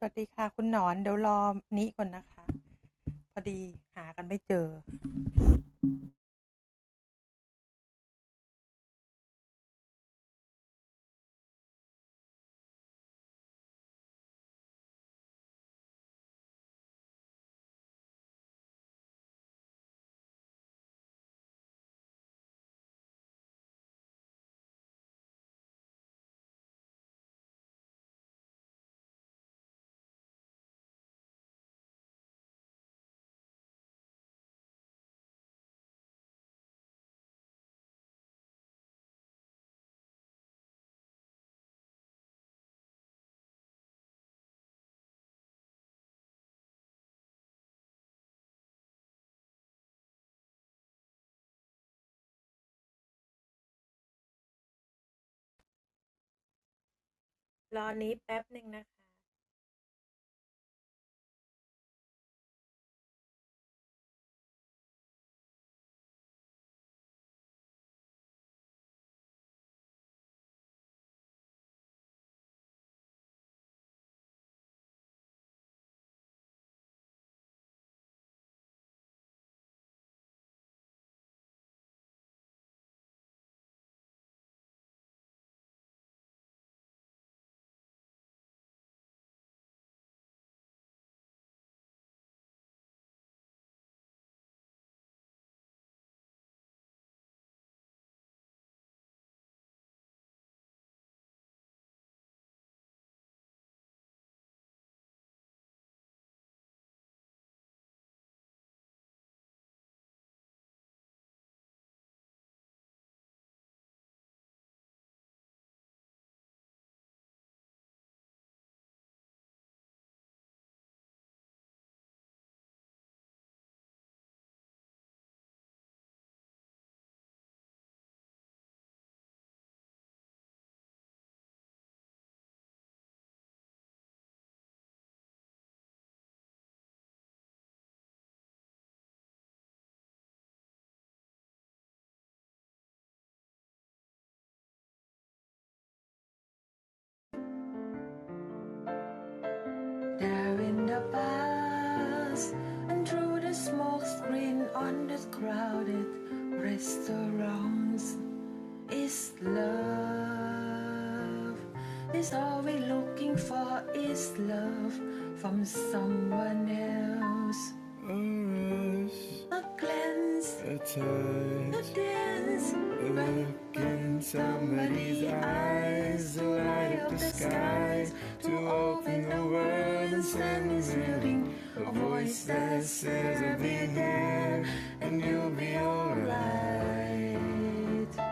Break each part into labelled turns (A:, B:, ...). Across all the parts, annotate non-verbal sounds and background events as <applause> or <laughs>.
A: สวัสดีค่ะ There in the past and through the smoke screen on the crowded restaurants is love. Is all we're looking for is love from someone else. A glance, a touch, a dance, a look in somebody's eyes, the light up the skies, to open the world and send us reeling. A voice that says I'll be there and you'll be alright.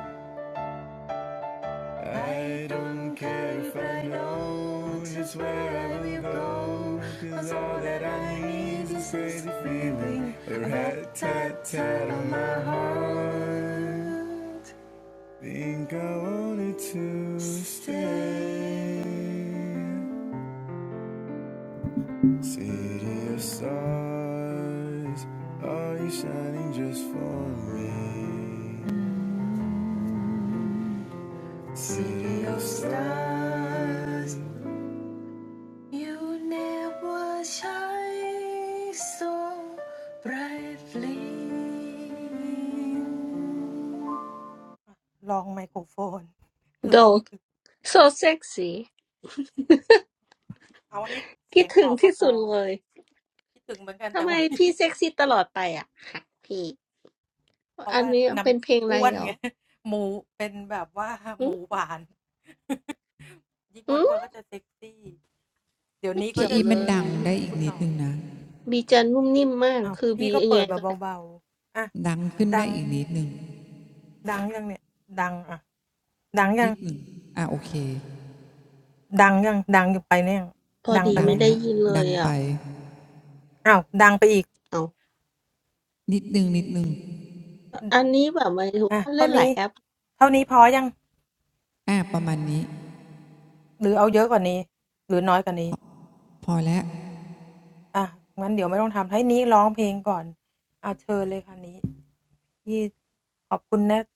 A: I don't care if I know just where I will go. 'cause all that I need is crazy feeling. A rat tat tat on my heart. Think I wanted to stay. City of stars, you never shine so brightly. ลองไมโครโฟน
B: dog so sexy, think about it the
A: ลองเอาให้เสียงออกก็พอคิดถึงเหมือนกันแต่วันนี้
B: most. Why is P sexy all the time? P, this is a song, right? Hmm,
A: เพราะว่าน้ำอ้วนไงหมูเป็นแบบว่าหมูหวาน <laughs>
B: hmm,
A: ยิ่งอ้วนๆก็จะเซ็กซี่
C: พี่
B: not
C: อีมันดังได้
B: related.
C: อีกนิดนึงนะ
B: B is very soft. Is B like that?
C: ดังขึ้นได้อีก
A: เดี๋ยวนี้เขาจะเสียใจเนี่ยคุณหนอนอ้าวพี่ก็เปิดแบบเบาๆอ่ะดังดังยังเนี่ย
C: นิดนึง
A: ดังอ่ะ
C: นิ
A: ดังยัง
C: ดหนึ่งอ่ะโอเคดั
B: Pardon,
C: ง
B: I
C: ละ
A: ดังยังดังอยู่ไปเนี่ยงดังไปไหมอ้าวดังไปอีก
B: didn't hear
C: ดังไป
B: it. Oh,
C: นิดนึงนิดนึง
B: this is like when I play
A: อ่ะเท่านี้
B: many apps.
A: เท่านี้พอยัง
C: อ่ะประมาณนี้
A: หรือเอาเยอะกว่านี้หรือน้อยกว่านี้
C: พอแล้ว
A: อ่ะงั้นเดี๋ยวไม่ต้องทำให้นี้ร้องเพลงก่อนอ่ะเชิญเลยค่ะนี้พี่ขอบคุณนะ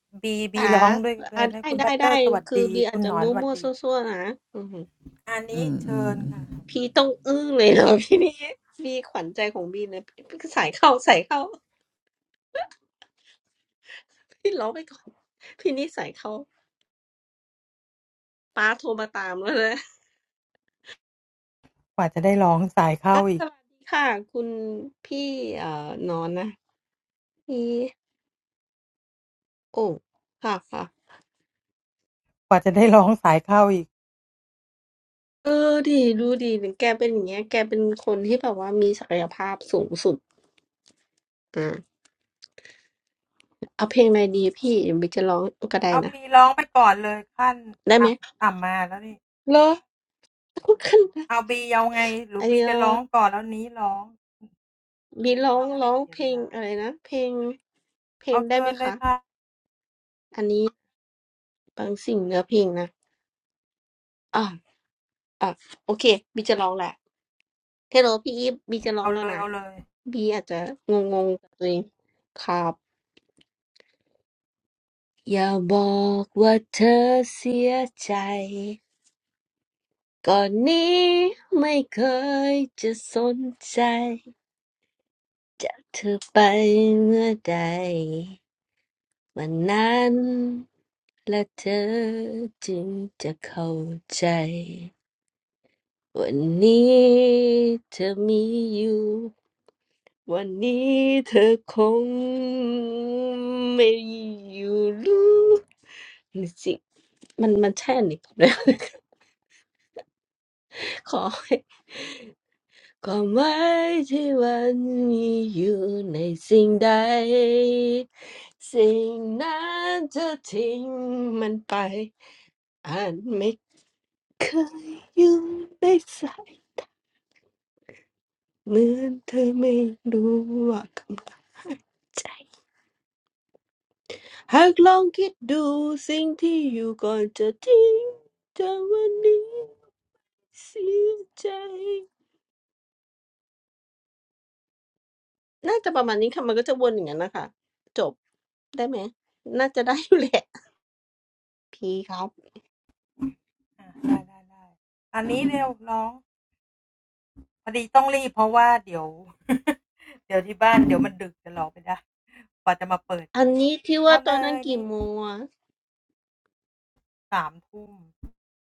B: Ah, ah,
A: บีบีร้องด้วยเลยนะ
B: get, get, get. Is B maybe
A: คุณบัตเตอร์สวัสดีคุณหนอนสวัสดี
B: muffled, muffled, muffled?
C: อืมอืม
A: อันนี้เชิญค่ะ
B: P must be angry. P, B's heart is B. Put the earphone in. P, let's go first. P, put the earphone in. ป้าโทรมาตามแล้วนะอ่ะสวัสดีค่ะ
A: กว่าจะได้ร้องสายเข้าอีก
B: คุณพี่เอ่อนอนนะพี่โอ้ค่ะค่ะเออดีดูดีถึงแกเป็นอย่างเงี้ย
A: กว่าจะได้ร้องสายเข้าอีก
B: แกเป็นคนที่แบบว่ามีศักยภาพสูงสุดอ่าเอาเพลงอะไรดีพี่เดี๋ยวบิ๊กจะร้องก็ได้นะ
A: เอาบีร้องไปก่อนเลยขั้นอ่ะต่ำมาแล้วนี่เอาบีเอาไง
B: ได้ไหมเหรอก็ขึ้นนะไอเออบิ๊กร้องร้องเพลงอะไรนะ
A: หรือบีจะร้องก่อนแล้วนี้ร้องอาจจะไม่เสียเวลา
B: <laughs> เพลง.เพลงได้ไหมคะ
A: เอาเชิญเลยค่ะ
B: อันนี้บางสิ่งเนื้อเพลงนะอ่าอ่าโอเคบิ๊กจะร้องแหละ
A: เอาเลยเอาเลย
B: เฮลโลพี่อีฟบีจะร้องแล้วนะบีอาจจะงงๆกับตัวเองครับอย่าบอกว่าเธอเสียใจก่อนนี้ไม่เคยจะสนใจจากเธอไปเมื่อใดวันนั้นและเธอจึงจะเข้าใจ วันนี้เธอมีอยู่วันนี้เธอคงไม่อยู่รู้นี่สิมัน-มันใช่อันนี้ผมเลยขอให้-ความหมายที่มันมีอยู่ในสิ่งใดสิ่งนั้นเธอทิ้งมันไปอาจไม่เคยอยู่ในสายเหมือนเธอไม่รู้ว่ากำลังใจ <laughs> หากลองคิดดูสิ่งที่อยู่ก่อนจะทิ้งแต่วันนี้เสียใจน่าจะประมาณนี้ค่ะมันก็จะวนอย่างนั้นนะคะจบได้ไหมน่าจะได้อยู่แหละ <laughs> พี่ครับ
A: อ่ะได้ได้ได้อันนี้เร็วร้อง พอดีต้องรีบเพราะว่าเดี๋ยว <laughs> เดี๋ยวที่บ้านเดี๋ยวมันดึกจะรอไม่ได้กว่าจะมาเปิดกัน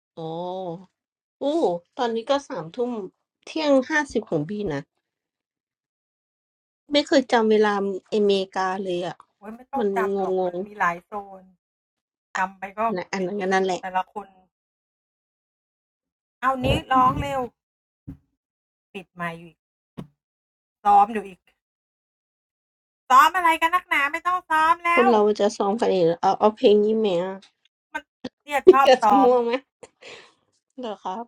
B: อันนี้ที่ว่าตอนนั้นกี่โมงอะโอ้โอ้ตอนนี้ก็สามทุ่มเที่ยงห้าสิบของพี่นะ
A: เอาเลยนี่สามทุ่มโอ้ยไม่ต้องจำหรอกมันมีหลายโซนจำไปก็เป็นมันแต่ละคน
B: ไม่เคยจำเวลาอเมริกาเลยอะมันงงๆนะอันนั้นก็นั่นแหละ
A: เอานี้ร้องเร็วปิดไมค์อยู่อีกซ้อมอยู่อีกซ้อมอะไรกันนักหนาไม่ต้องซ้อมแล้ว
B: คนเราจะซ้อมกันเองเอาเอาเพลงนี้ไหมอะ <laughs>
A: มันเนี่ยชอบซ้อมเนี่ย
B: อยากจะมั่วไหม เหรอครับ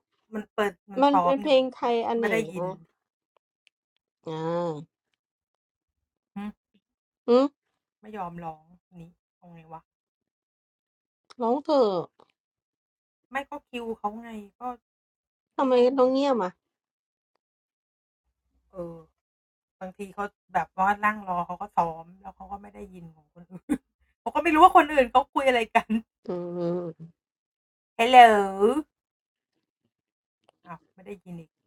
A: มันเปิดมันซ้อมอยู่ไงไม่ได้ยินหึไม่ยอมร้องนี่เอาไงวะไม่ก็คิวเขาไงก็พี่ก็งงเออ บางทีเขาแบบว่านั่งรอเขาก็ซ้อม <laughs> เขาก็ไม่รู้ว่าคนอื่นเขาคุยอะไรกัน Hello อ้าวไม่ได้ยินอีกเอายังไงวะ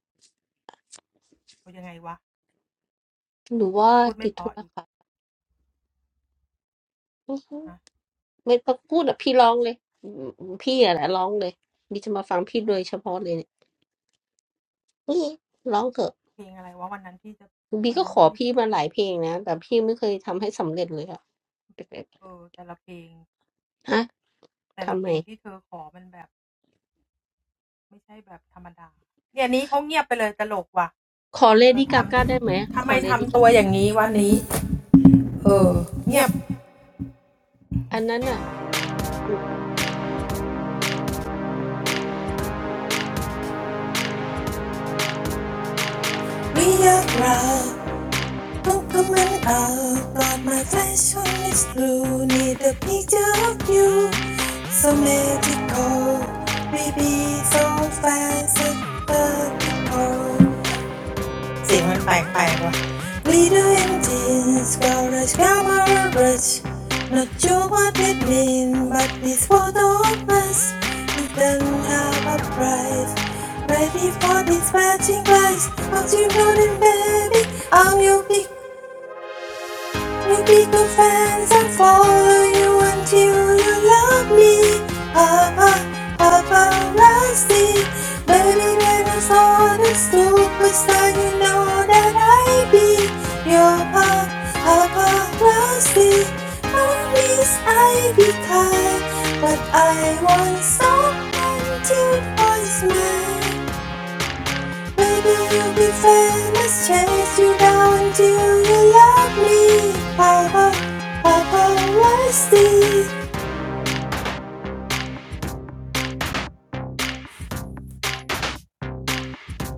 B: มันเป็นเพลงไทยอันไหนอ่ะอ่าอืมร้องเถอะทำไมต้องเงียบอ่ะอืมหรือว่าติดธุระครับอือฮึไม่ต้องพูดอ่ะพี่ร้องเลยอืมพี่อ่ะแหละร้องเลยบีจะมาฟังพี่โดยเฉพาะเลยเนี่ยนี่ร้องเถอะบีก็ขอพี่มาหลายเพลงนะแต่พี่ไม่เคยทำให้สำเร็จเลยอ่ะฮะทำไมขอเลดี้กาก้าได้ไหมขอเลดี้กาก้าอันนั้นอ่ะ
A: Open my up, but my fashion is blue. Need a picture of you, so magical. Baby, so fast and vertical. เสียงมันไป Glitter and jeans, colors, glamour, rush. Not sure what it means, but this photo of us. It doesn't have a price. Ready for this matching price. But you, know it, baby, I'm your big Make little friends and follow you until you love me. Papa, Papa Rusty. Baby, baby, son and superstar, you know that I be your Papa, Papa Rusty. Promise I be kind, but I won't stop until it was mine. Maybe you'll be famous, chase you down until you love me. Ah, ah, ah.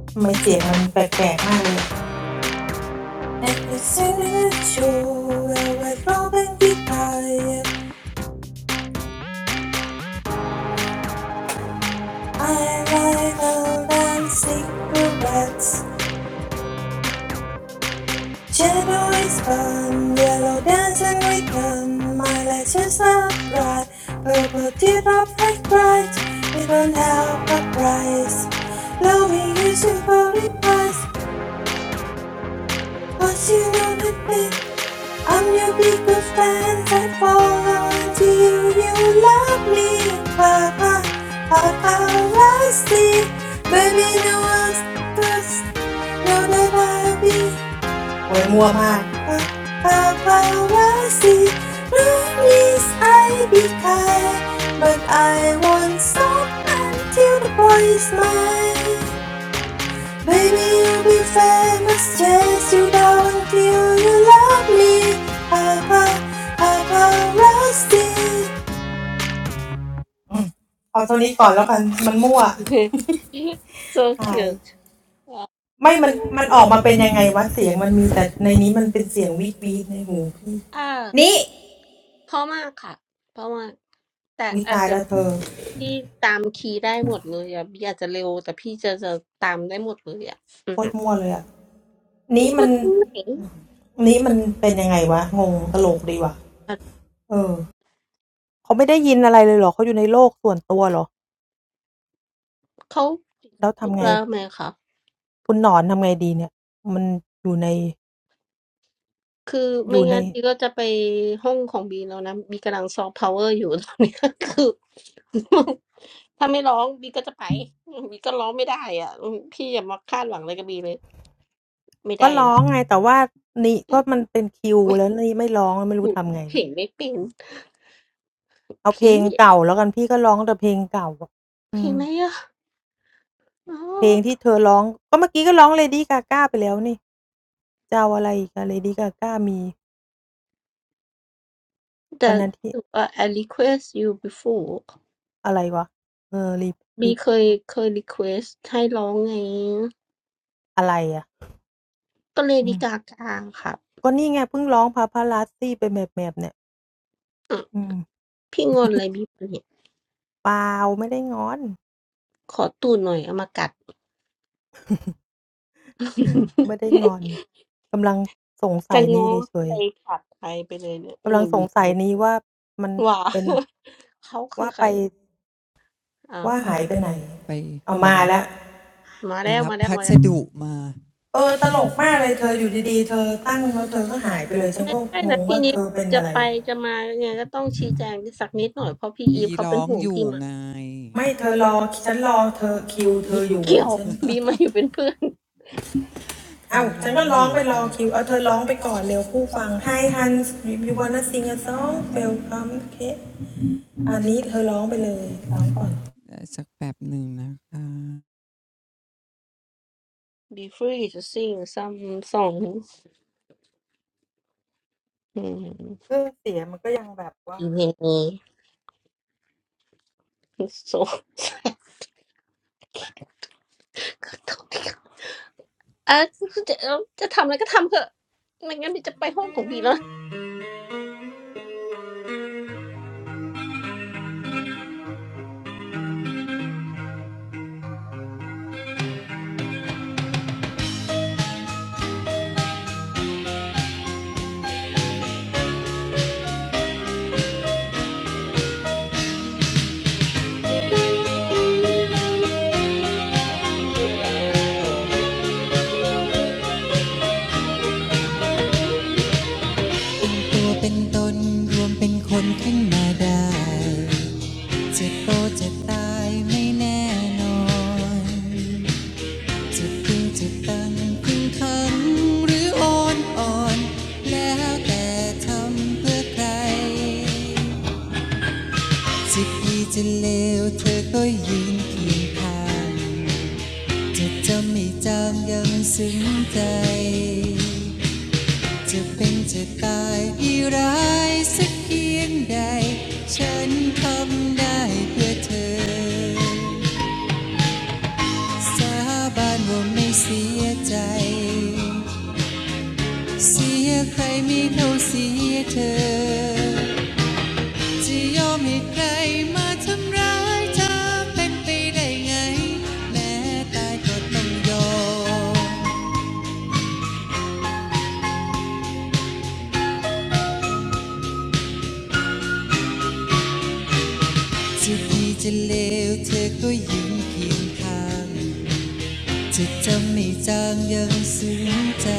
A: ทำไมเสียงมันแปลกๆมากเลย And it's in a show where we're rolling the fire. I ride out and sing the rats. Shadow is fun, yellow dancing with none. My lights are not bright, purple teardrop like bright. We don't have a price. Loving you should probably price. Once you know the bit, I'm your biggest fan. I fall into you, you love me. Papa, Papa, Rusty. Baby, no one's first. Know that I'll be. โอ้ยมั่วมาก Papa, Rusty. No, Please, I be kind. But I won't stop until the boy is mine. Baby, you'll be famous just you know until you love me. I'm a, I'm a rusty. เอาตรงนี้ก่อนแล้วกันมันมั่วหาย
B: <laughs> so cute
A: ไม่มันมันออกมาเป็นยังไงวะเสียงมันมีแต่ในนี้มันเป็นเสียงวีดวีดในหูพี่
B: อ่า เพราะมากค่ะเพราะมาก
A: นี่วิตายแล้วเธอโคตรมั่วเลยอ่ะ
B: แต่อาจจะพี่ตามคีย์ได้หมดเลยอ่ะพี่อาจจะเร็ว
A: นี้มันนี้มันเป็นยังไงวะงงตลกดีว่ะเออเขาไม่ได้ยินอะไรเลยเหรอเขาอยู่ในโลกส่วนตัวเหรอแล้วทำไง
B: แต่พี่จะจะตามได้หมดเลยอ่ะอืมก็ตรงไหนอ่ะเขาติดธุระไหมคะคือไม่งั้นพี่ก็จะไปห้องของบีแล้วนะบีกำลังซอฟต์พาวเวอร์อยู่ตอนนี้คือ
A: คุณหนอนทำไงดีเนี่ยมันอยู่ใน
B: ถ้าไม่ร้องบีก็จะไปบีก็ร้องไม่ได้อ่ะอืมพี่อย่ามาคาดหวังอะไรกับบีเลยไม่ได้นะไม่เพลงไม่เป็นพี่เพลงอะไรอ่ะ <laughs>
A: Lady Gaga ไปแล้วนี่ Lady Gaga มี
B: that
A: วันนั้นที่
B: uh, I request you before บีเคยเคย request ให้ร้องไง
A: อืม
B: ก็เลยดีกากาครับ
A: ก็นี่ไงเพิ่งร้อง Paparazzi ไปแหมบๆเนี่ย
B: อ่ะ
A: อืม
B: พี่งอนอะไรบีปะเนี่ย
A: เปล่าไม่ได้งอน
B: ขอตูดหน่อยเอามากัด <laughs>
A: ไม่ได้งอนกำลังสงสัยนี่เฉยๆ
B: จะง้อใจขาดใครไปเลยเนี่ยอืมว่า
A: กำลังสงสัยนี้ว่ามันเป็น
B: <laughs> เขาคือใคร
A: ว่าไป
C: ไปไปรับ
B: อ่าครับอืมมาแล้วมาแล้วมาแล้ว
C: ไปรับพัสดุมาบีร้องอยู่ไง
B: ไม่ได้นะพี่นิดจะไปจะมายังไงก็ต้องชี้แจงสักนิดหน่อยเพราะพี่อีฟเขาเป็นห่วงพี่มาบีเกี่ยวบีมาอยู่เป็นเพื่อน <laughs>
C: บีร้องอยู่แล้วก็เลยเออ
A: Hi Hans you wanna sing a song welcome okay
C: สักแป๊บหนึ่งนะคะ
B: Be free to sing some songs. Hmm. Yeah. So sad. เออคือจะเอาจะทำอะไรก็ทำเถอะไม่งั้นเดี๋ยวจะไปห้องของบีแล้ว
C: ตัวเป็นตนรวมเป็นคนขึ้นมาได้จะโตจะตายไม่แน่นอน จะิ่งจะตังพึงทำหรืออ่อนอ่อนแล้วแต่ทำเพื่อใครจะดีจะเลวเธอก็ยืนเคียงข้างจะจำไม่จำยังซึ้งใจจะเป็นจะตายอีร้ายสักเพียงใดฉันทำได้เพื่อเธอสาบานว่าไม่เสียใจ เสียใครไม่เท่าเสียเธอ จะยอมให้ใครมาทำร้ายเธอเป็นไปได้ไง แม้ตายก็ต้องยอมจะดีจะเลวเธอก็ยืนเคียงข้างจะจำไม่จางยังซึ้งใจ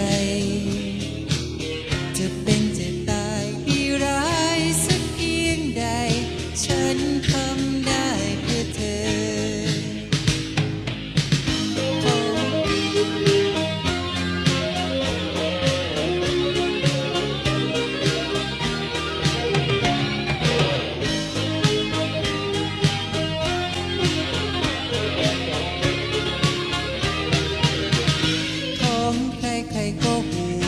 C: จะเป็นจะตายดีร้ายสักเพียงใด ฉันทำได้เพื่อเธอ ของใครใครก็ห่วง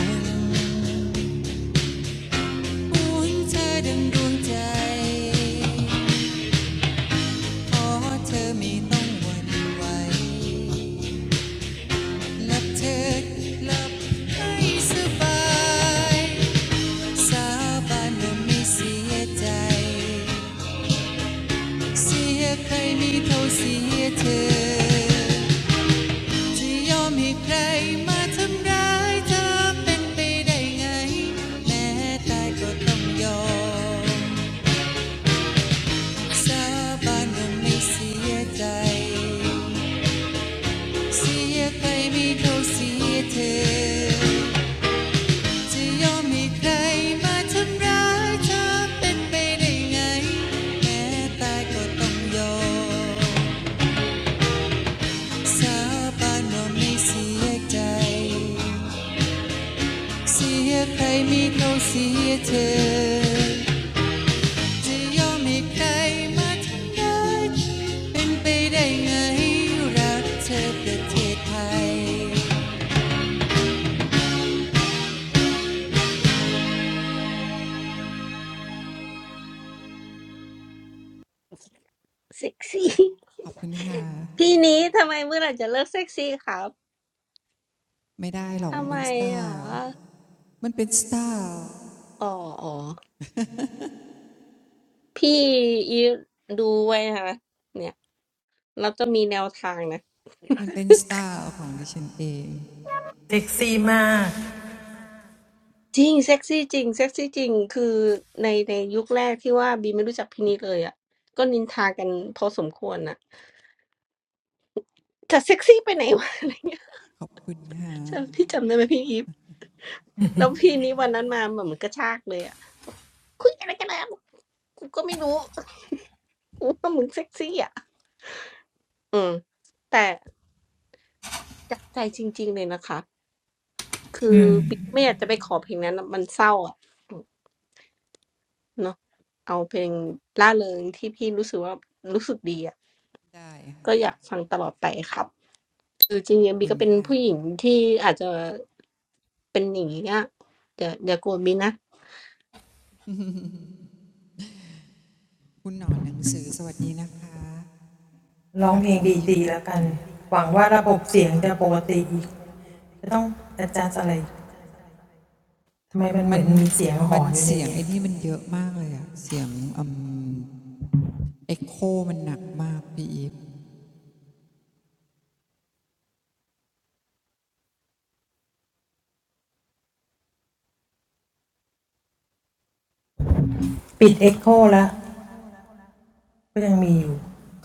C: ห่วงเธอดังดวงใจขอเธอไม่ต้องหวั่นไหวหลับเธอหลับให้สบายสาบานว่าไม่เสียใจเสียใครไม่เท่าเสียเธอจะยอมให้ใครมาทำร้ายเธอเป็นไปได้ไงแม้ตายก็ต้องยอม สาบานว่าไม่เสียใจ เสียใครไม่เท่าเสียเธอ จะยอมให้ใครมาทำร้ายเธอเป็นไปได้ไงแม้ตายก็ต้องยอมสาบานว่าไม่เสียใจเสียใครไม่เท่าเสียเธอ จะยอมให้ใครมาทำร้ายเป็นไปได้ไงรักเธอประเทศไทย
B: เซ็กซี่
C: ขอบคุณค่ะไม่ได้หรอกมันเป็นสไตล์
B: พี่นี้ทำไมเมื่อไหร่จะเลิกเซ็กซี่ครับทำไมอ่ะอ๋ออ๋อพี่อีดูไว้นะเนี่ย
C: มันเป็นสไตล์
B: เราจะมีแนวทางนะ
C: มันเป็นสไตล์ของดิฉันเอง
B: Zing, sexy, zing, sexy, zing. Is in in the first year that Bie didn't know this guy at all. They were flirting. When it was appropriate, how sexy it was.
C: ขอบคุณค่ะ
B: Do you remember, P. I. P. And this guy came that day like a jerk. What was it? I don't know. He was so sexy. Yeah. But really, really, it's not. Bie didn't want to sing that song because it was sad. You know, sing a song that P. I. I felt good about. <laughs>
C: ได้
B: ก็อยากฟังตลอดไปครับคือจริงๆบีก็เป็นผู้หญิงที่อาจจะเป็นอย่างนี้อะเดี๋ยวเดี๋ยวกลัวบีนะเดี๋ยวนะบีงงมากแสดงว่าแสดงว่าได้ยินเสียงบีเหรอมันปกติเคยมีอุปกรณ์เลยอะเอ๊ะอ๋อครับฮะใช่ทำไมต้องมีอุปกรณ์เลยเหรอสวยแล้วงั้นฉะนั้นบีก็เลยแบบเหมือนลองบีเมื่อกี้ที่ว่า
C: ค่ะขอบคุณค่ะคุณหนอนหนังสือสวัสดีนะคะอาพี่อีฟ
A: ร้องเพลงดีๆแล้วกัน
C: มันมันเสียงไอ้นี่มันเยอะมากเลยอะเสียงเอ็กโคมันหนักมากพี่อีฟ
A: หวังว่าระบบเสียงจะปกติอีกจะต้องอาจารย์อะไรทำไมมันเหมือนมีเสียงหอนอยู่ในนี้ปิดเอ็กโคแล้วก็ยังมีอยู่โอ๊ยทำไม่ได้วะมันนี่ปิดจนไม่เหลือได้ยินฮัลโหลเออ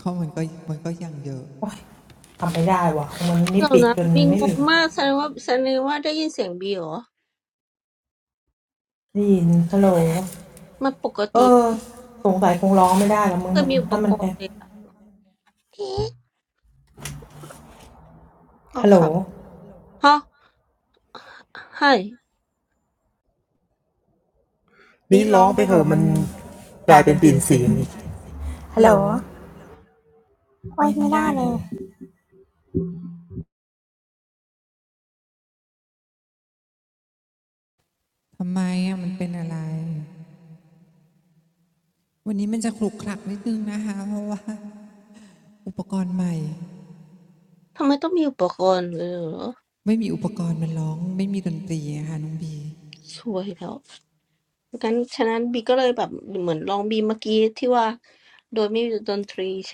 C: เขามันก็มันก็ยังเยอะ
B: โดยไม่มีดนตรีใช่ไหมคะ
A: สงสัยคงร้องไม่ได้แล้วมึงมันถ้ามันแอบฮัลโหลฮัลโหล
C: ทำไมอะมันเป็นอะไรวันนี้มันจะคลุกคลักนิดนึงนะคะเพราะว่าอุปกรณ์ใหม่ไม่มีอุปกรณ์มันร้องไม่มีดนตรีอะค่ะน้องบี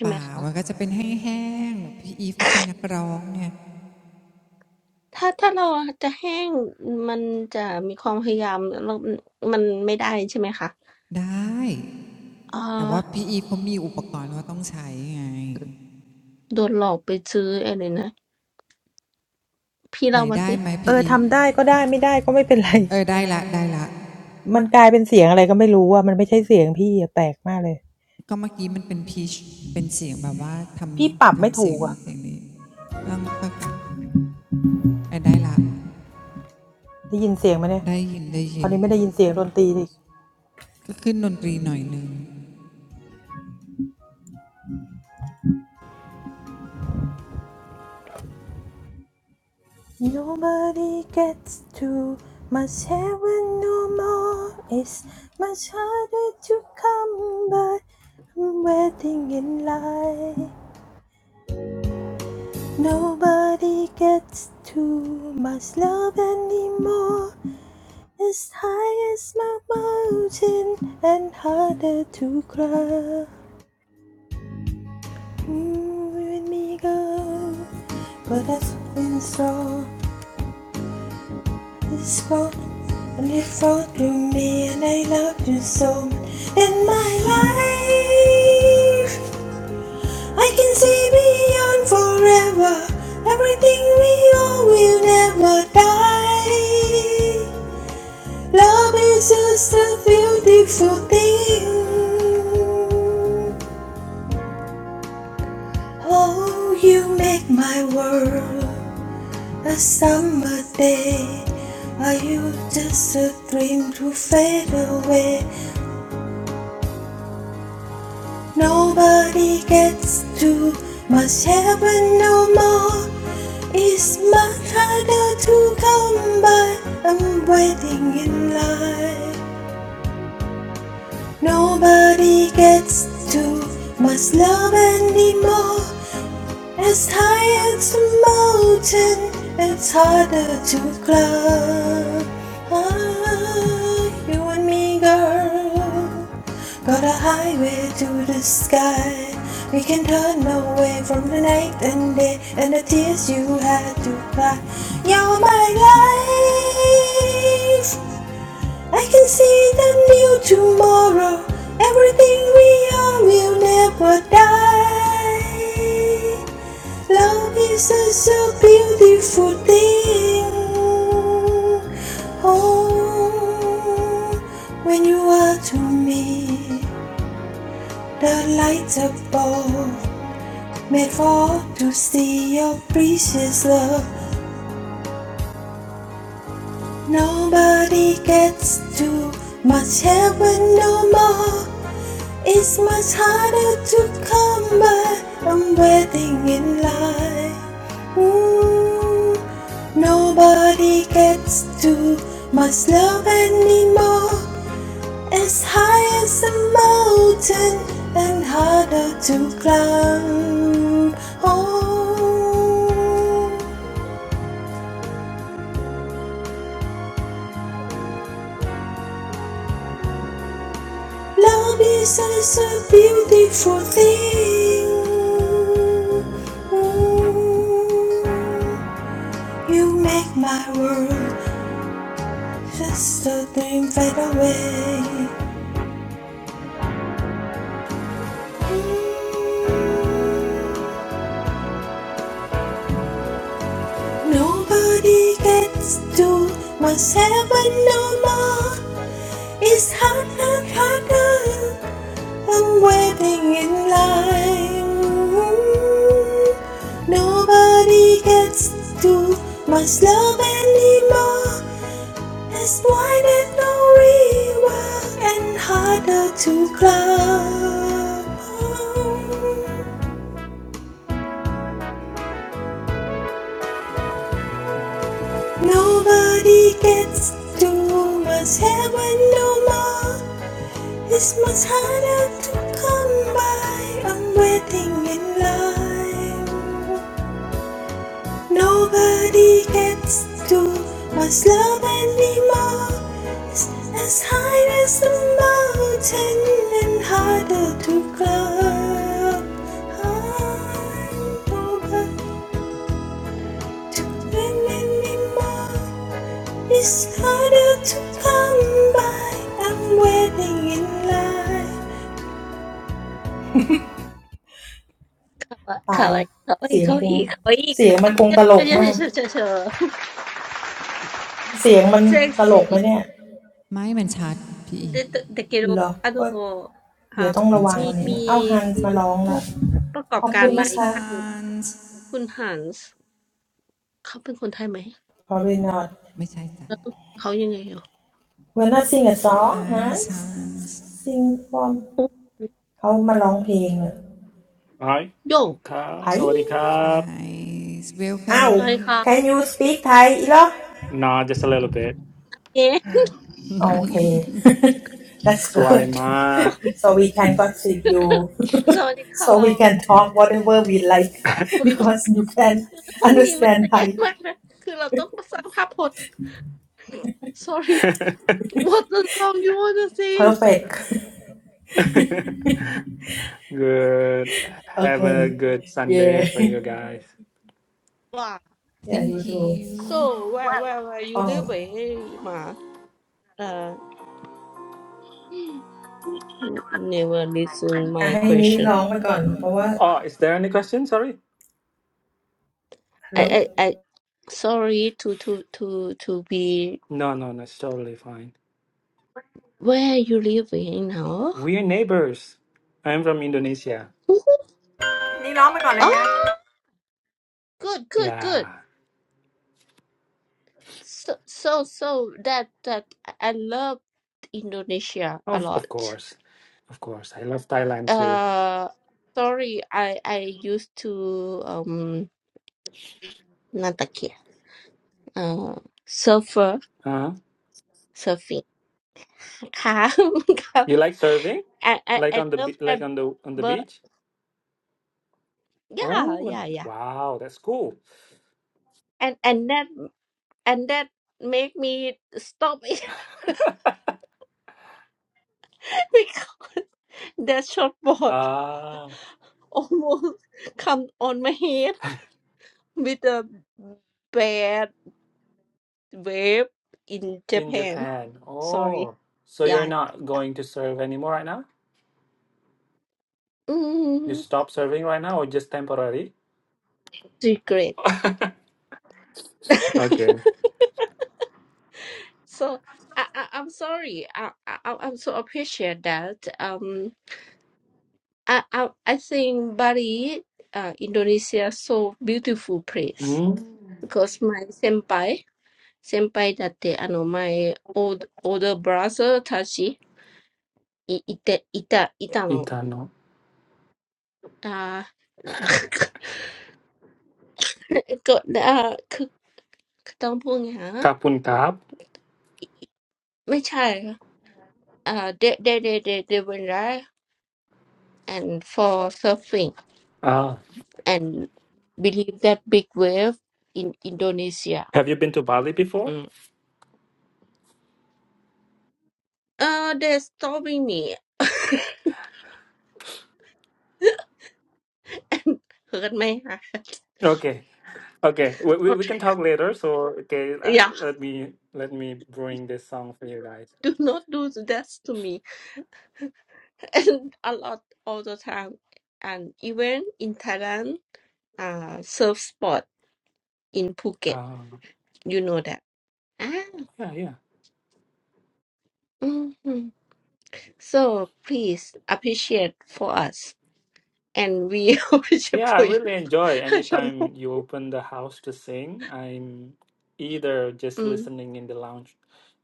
C: ป่ามันก็จะเป็นแห้งๆพี่อีฟเขาเป็นนักร้องเนี่ยได้แต่ว่าพี่อีฟเขามีอุปกรณ์กาต้องใช้ไงไหนได้ไหมพี่อีฟ
A: เออทำได้ก็ได้ไม่ได้ก็ไม่เป็นไร
C: เออได้ละได้ละ
A: มันกลายเป็นเสียงอะไรก็ไม่รู้อ่ะมันไม่ใช่เสียงพี่อะแปลกมากเลย
C: ก็เมื่อกี้มันเป็นพีชเป็นเสียงแบบว่าทำทำเสียงนู้นเสี
A: พี่ปรับไม่ถูกอ่ะได้ยินเสียงไหมเนี่ย
C: ยงนี้ต้องค่อยๆเออได้ละได้ยินได้ยิน
A: ตอนนี้ไม่ได้ยินเสียงดนตรีดิ
C: ก็ขึ้นดนตรีหน่อยนึง
A: Nobody gets too much heaven no more It's much harder to come by I'm waiting in line Nobody gets too much love anymore It's high as my mountain and harder to climb Mm, you and me go But I've been so It's gone And you fall to me, and I loved you so. much. In my life, I can see beyond forever. Everything we owe will never die. Love is just a beautiful thing. Oh, you make my world a summer day. Are you just a dream to fade away? Nobody gets to much heaven no more. It's much harder to come by. I'm waiting in line. Nobody gets to much love anymore. As high as a mountain, it's harder to climb. Ah, you and me, girl, got a highway to the sky. We can turn away from the night and day and the tears you had to cry. You're my life. I can see the new tomorrow. Everything we are will never die. Love is such a so beautiful thing. Oh, when you are to me, the light above made for all to see your precious love. Nobody gets too much heaven no more. It's much harder to come by. I'm waiting in line. Ooh, nobody gets too much love anymore. As high as a mountain and harder to climb. Oh, love is such a beautiful thing. Ooh. You make my world just a dream fade away. Nobody gets to what's heaven no more. It's harder, and harder. I'm waiting in line. Nobody gets to my love anymore. It's wide and no river and harder to climb. Nobody gets too much heaven no more. It's much harder to come by. I'm waiting in line. Nobody gets to us love anymore. It's as high as the mountain and harder to climb. Nobody to win anymore. It's harder to come by. I'm waiting in line. ตายละเสียงคงเสียงมันคงตลกมากเสียงมันตลกไหมเนี่ยเหรอ
C: ไม่มันชัด พี่อีฟมันชัดดี
A: เดี๋ยวต้องระวังวันนี้นะเอาฮันส์มาร้องละขอบคุณนะคะ
C: Hi sons
A: Probably not
C: ไม่ใช่จ้ะ
A: We're not sing
C: Hi sons
D: Hi. Ka, sorry, ka.
C: Hi welcome
A: Can you speak Thai
D: Nah, just a little bit.
A: อีหรอโอเค That's
D: Swai
A: good
D: ma.
A: <laughs> so we can gossip you <laughs> so we can talk whatever we like
D: <laughs>
A: <laughs> because
B: สวัสดีค่ะห้องนี้มันจะแย่มากนะ
A: you can understand Thai
B: คือเราต้องสร้างภาพพจน์ <laughs> sorry what the song you wanna sing
A: perfect
D: Good.
A: <laughs>
D: Have a
A: okay
D: good Sunday
A: yeah
D: for you guys.
B: ว่า
A: yeah
C: thank
A: you do
C: you
B: so where where where you live เอ้ยหมา uh <gasps> never listen my question
A: อ๋ออ่ะให้นี้ร้องไปก่อนเพราะว่า
D: Oh, is there any question? Sorry.
B: I
A: Hello.
B: I I sorry to to to to be
D: No, no, no. It's totally fine.
B: where you live เอ้ยเนาะ
D: We're neighbors. I'm from Indonesia.
B: oh good good good
D: Yeah.
B: So so so that that I love Indonesia a
D: Of of
B: lot.
D: course. Of course. I love Thailand too.
B: Uh, sorry, I I used to um นั่นตะเกีย uh surfer
D: Huh?
B: surfing <laughs> ครับครับ
D: You like surfing?
B: I I
D: Like
B: I
D: on the
B: love
D: be- like
B: that
D: on the on the
B: but
D: beach?
B: yeah
D: Oh,
B: yeah yeah
D: wow, that's cool.
B: and and that and that make me stop it <laughs> because that shortboard
D: Ah.
B: <laughs> almost come on my head with a bad. verb in
D: In
B: Japan.
D: Japan.
B: Sorry.
D: Oh, so you're
B: Yeah, yeah,
D: not
B: yeah.
D: going to serve anymore right now? You
B: Mm,
D: stop serving right now or just temporary?
B: regret.
D: <laughs>
B: <laughs>
D: Okay.
B: so I, I I'm sorry. I, I I'm so appreciate that. Um, I I, I think Bali, uh, Indonesia, so beautiful place
D: Mm.
B: because my senpai, senpai that they, ano, my old older brother Tachi, i- ita ita ita no.
D: Itano.
B: Uh, ก็อ่าคือต้องพูดไงฮะ <laughs>
D: Kapun kap.
B: ไม่ใช่ค่ะเอ่อ they they they they they went right and for surfing
D: Ah.
B: and believe that big wave in Indonesia
D: Have you been to Bali before?
B: อืมเออ they they're stopping me <laughs> and hurt my
D: Okay. Okay. We, we, we
B: heart
D: can talk later. So okay, I,
B: yeah
D: let me let me bring this song for you guys.
B: do not do that to me <laughs> and a lot all the time and even in Thailand uh surf spot in Phuket
D: Uh,
B: you know that ah
D: yeah, yeah.
B: hmm so please appreciate for us and we <laughs> worship
D: Yeah, I
B: for you.
D: really enjoy
B: I don't know.
D: anytime you open the house to sing. I'm either just
B: Mm,
D: listening in the lounge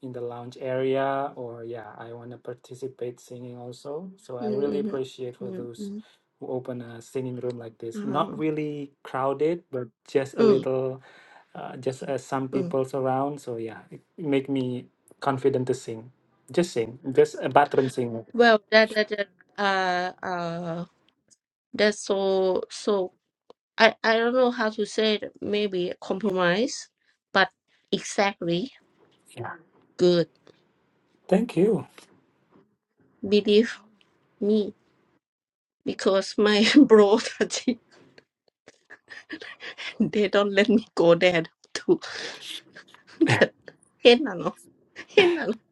D: in the lounge area or yeah, I want to participate singing also. So I really
B: mm, mm,
D: appreciate for
B: mm,
D: those who open a singing room like this. Not
B: mm, uh,
D: really crowded, but just a
B: mm,
D: little uh, just uh, some
B: mm.
D: people's around. So yeah, it make me confident to sing. Just sing. Just a bathroom singer.
B: Well, that that that uh uh that's so so. I I don't know how to say it. Maybe compromise, but exactly
D: Yeah.
B: good.
D: Thank you.
B: Believe me, because my <laughs> bro Tati, they don't let me go there to. <laughs> 変なの変なのい、いくらダメだって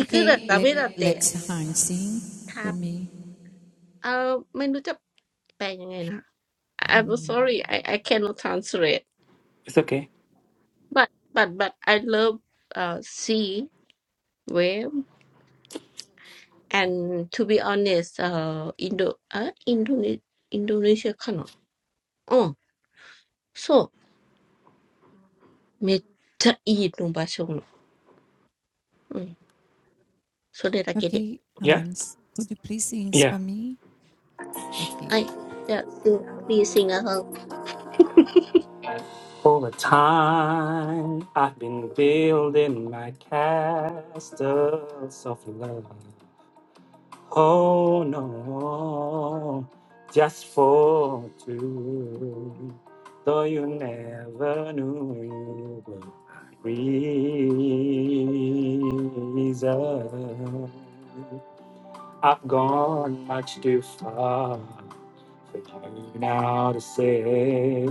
C: okay let let's Hans sing for me
B: Uh, ไม่รู้จะแปลยังไงนะ I'm sorry I I cannot translate
D: It's okay.
B: but but but I love uh sea wave and to be honest uh Indo uh Indonesia Indonesia かなうん、そう。めっちゃいいの場所の。うん、それだけで。はい。じゃあ、sing,
C: okay
D: Yeah.
C: Hans could you please sing
D: Yeah.
C: for me okay
B: please sing along.
D: All the time I've been building my castles of love. Oh no, just for two. Though you never knew you were my reason. I've gone much too far for you now to say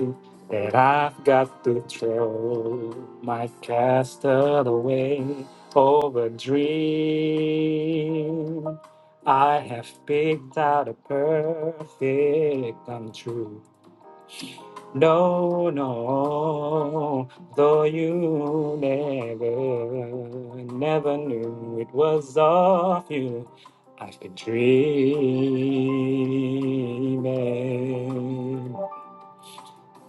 D: that I've got to throw my castle away over dream. I have picked out a perfect come true. No, no, though you never, never knew it was of you, I've been dreaming.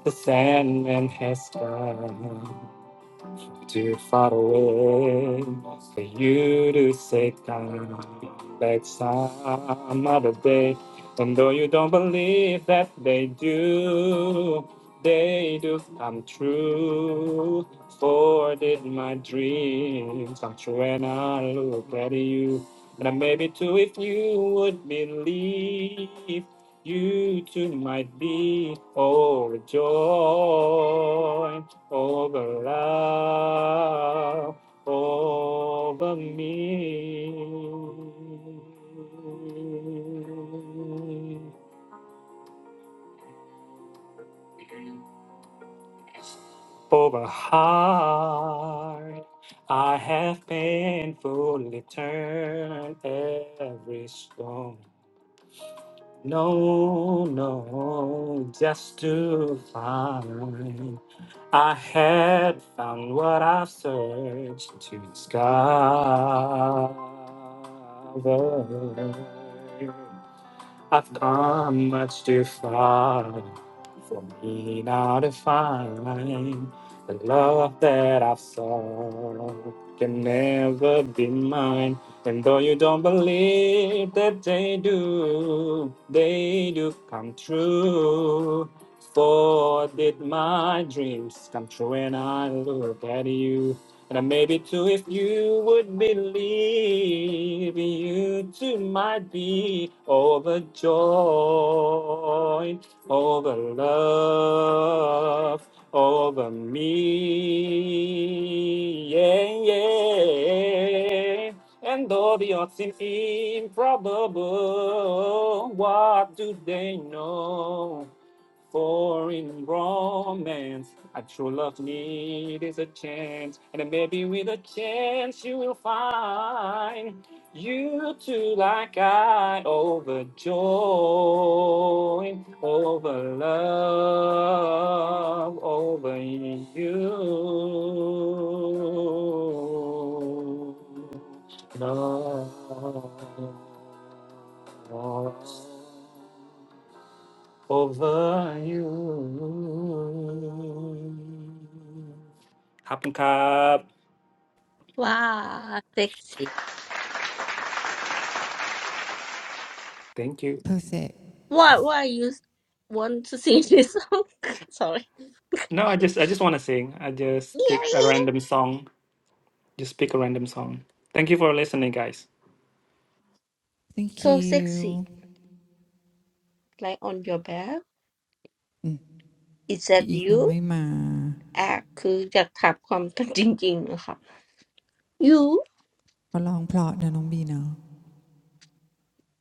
D: The Sandman has come, too far away for you to say come back some other day. And though you don't believe that they do, they do come true. For did my dreams come true when I look at you? And maybe too if you would believe you too might be overjoyed over love over me. Over heart, I have painfully turned every stone. No, no, just to find. I had found what I searched to discover. I've come much too far for me now to find the love that I've sought can never be mine. And though you don't believe that they do, they do come true. For did my dreams come true when I look at you? And I maybe too if you would believe, you too might be overjoyed over love over me. Yeah, yeah. And though the odds seem improbable, what do they know? For in romance, a true love need is a chance, and maybe with a chance you will find you too like I overjoyed over love over you. Love over you. happen cup.
B: わー、sexy.
D: Thank you.
C: perfect
B: Why, why you want to sing this song? <laughs> Sorry.
D: No, I just I just want to sing. I
B: Yeah,
D: just
B: yeah.
D: pick a
B: yeah.
D: random song. Just pick a random song. Thank you for listening, guys.
C: thank
B: So
C: you
B: sexy. Like on your back. is
C: พี่
B: that
C: อีฟยัง
B: you
C: ไม่มาก
B: act คืออยากถามความจริงๆนะคะ you
C: ขอลองเพลาะนะน้องบีเนาะ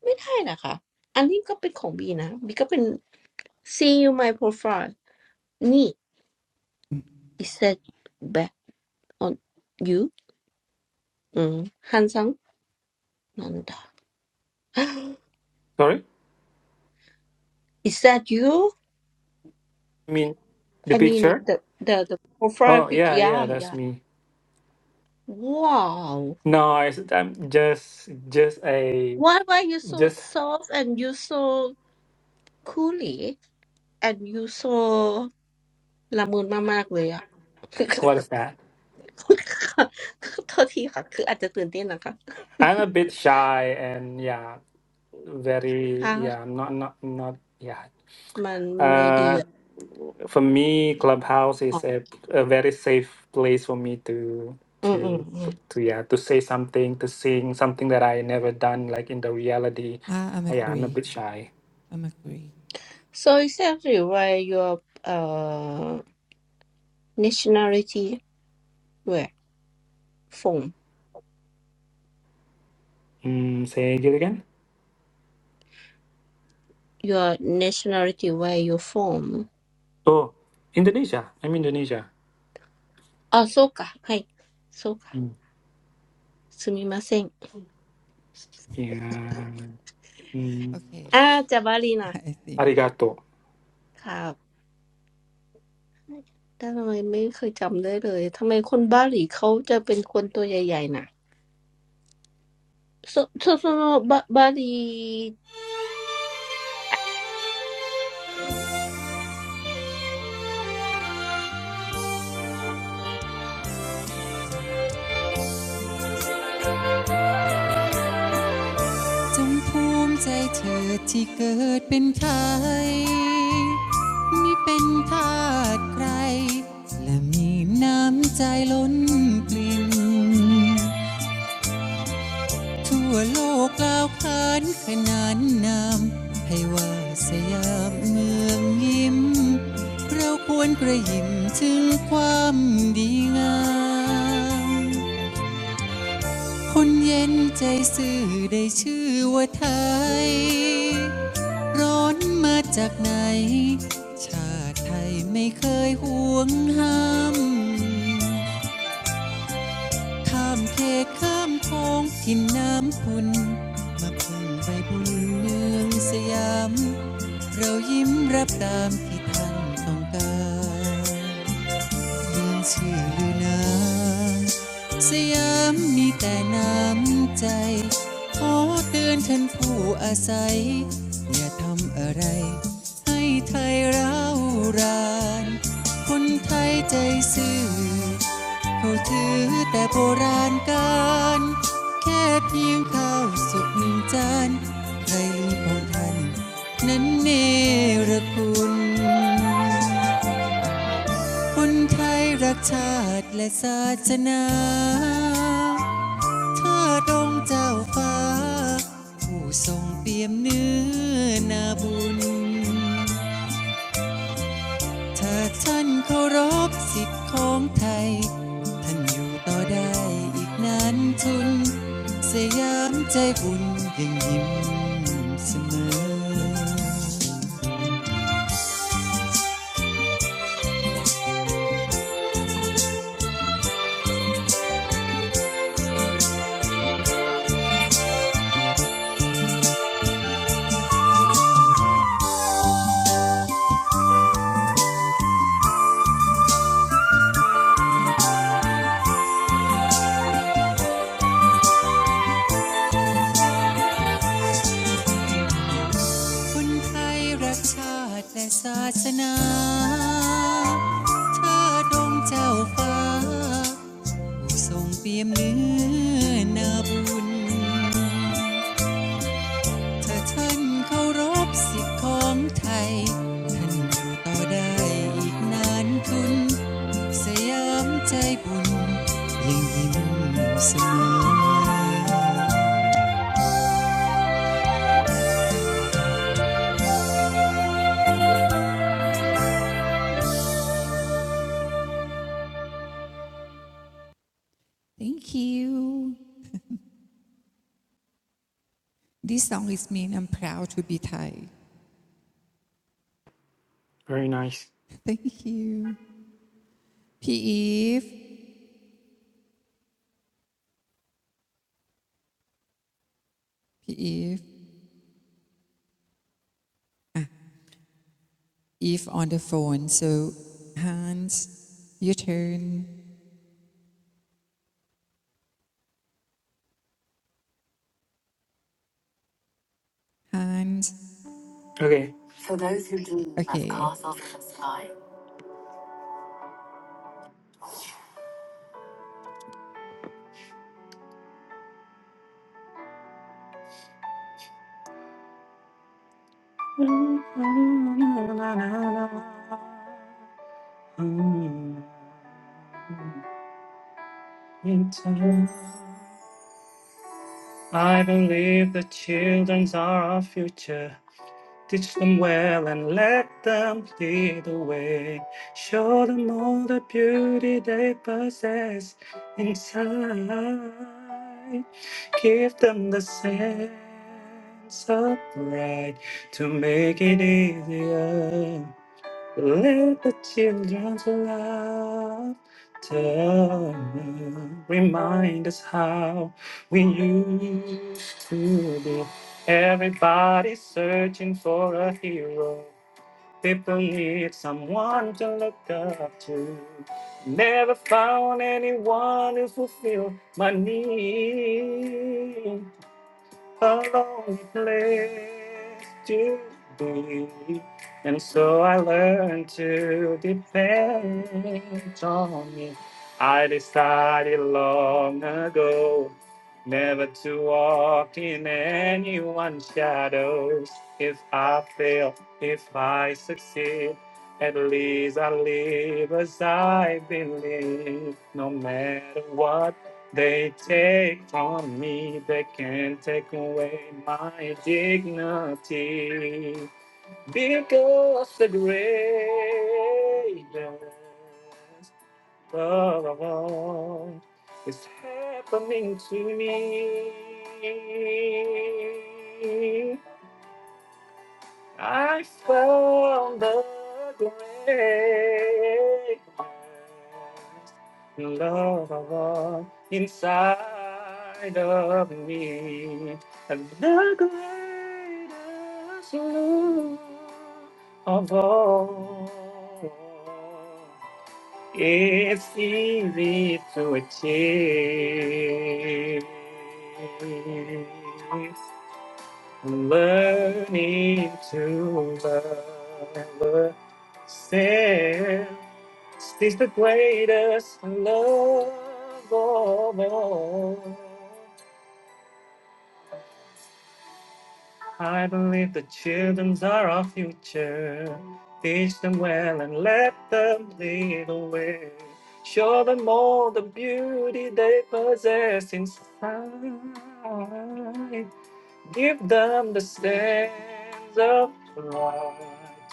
B: ไม่ได้นะคะอันนี้ก็เป็นของบีนะบีก็เป็น see you my profile นี่ is that back on you อืม handsome นั่นดา <laughs>
D: Sorry?
B: is that you
D: I mean, the
B: I mean
D: picture?
B: the the the profile
D: Oh,
B: pic
D: yeah,
B: yeah
D: yeah, that's
B: yeah
D: me.
B: wow
D: No, I, am just just a
B: why why you so
D: just
B: soft and you so coolly and you so ละมุนมากๆเลยอะ
D: what
B: <laughs>
D: is that?
B: โทษทีค่ะคืออาจจะตื่นเต้นนะคะ
D: I'm a bit shy and yeah, very yeah, I'm not not not yeah.
B: ค่ะมันไม่ดีอะอ๋ออืมอืมอืม
D: for me, Clubhouse is a, a very safe place for me to to to yeah to say something, to sing something that I never done like in the reality.
C: ah I'm
D: Oh, yeah, I'm a
C: agree
D: bit shy.
C: I'm agree
B: so exactly Where your uh nationality? Where form?
D: Mm, say it again.
B: Your nationality? Where your form?
D: Oh, Indonesia. I'm Indonesia.
B: Ah Sukka, hey Sukka,
D: Mm,
B: Sumimasen.
D: yeah. Mm,
C: okay
B: Ah Jabari na.
C: <laughs> I think
D: arigato.
B: Ah, then why not? I never remember. Why is the Balinese people so big? So, so Balinese.
C: จงภูมิใจเถิดที่เกิดเป็นไทยมิเป็นทาสใครและมีน้ำใจล้นปลิ่นทั่วโลกกล่าวขานขนานนามให้ว่าสยามเมืองยิ้มเราควรกระหยิมถึงความดีงาม คนเย็นใจซื่อได้ชื่อว่าไทย ร้อนมาจากไหน ชาติไทยไม่เคยห่วงห้ามข้ามเขตข้ามคลองกินน้ำพุนมาพึ่งไปบุญเมืองสยาม เรายิ้มรับตามที่ท่านต้องการ ดินชื่อลือน้ำสยามมีแต่น้ำใจขอเตือนท่านผู้อาศัยอย่าทำอะไรให้ไทยร้าวรานคนไทยใจซื่อเขาถือแต่โบราณการแค่เพียงข้าวสุกหนึ่งจานใครลืมของท่านนั้นเนรคุณ คนไทยรักชาติและศาสนาเธอดองเจ้าฟ้าผู้ทรงเปี่ยมเนื้อนาบุญ ถ้าท่านเคารพสิทธิ์ของไทย ท่านอยู่ต่อได้อีกนานทุน สยามใจบุญยังยิ้มเสมอ คนไทยรักชาติและศาสนาชาติองค์เจ้าฟ้าผู้ทรงเปี่ยมเนื้อนาบุญถ้าท่านเคารพสิทธิของไทยท่านอยู่ต่อได้อีกนานทุนสยามใจบุญยังยิ้มเสมอ Thank you This song is mean I'm proud to be Thai
D: Very nice.
C: Thank you P. Eve, P. Eve, Eve on the phone. So Hans, your turn. Hans,
D: Okay.
C: okay.
D: It's I believe the children are our future. Teach them well and let them lead the way. Show them all the beauty they possess inside. Give them the sense of pride to make it easier. Let the children's laughter remind us how we used to be. Everybody's searching for a hero. People need someone to look up to. Never found anyone to fulfill my need a lonely place to be. And so I learned to depend on me. I decided long ago never to walk in anyone's shadows. If I fail, if I succeed, at least I live as I believe, no matter what they take from me, they can't take away my dignity because the greatest love of all is happening to me. I found the greatest love of all inside of me, and the greatest love of all. It's easy to achieve. Learning to love self is the greatest love of all. I believe the children are our future. Teach them well and let them lead the way. Show them all the beauty they possess inside. Give them the sense of pride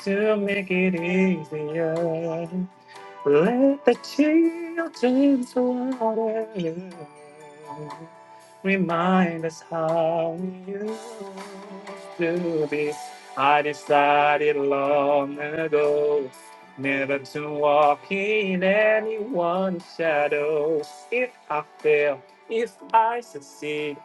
D: to make it easier. Let the children's water remind us how we used to be. I decided long ago never to walk in anyone's shadow. If I fail, if I succeed,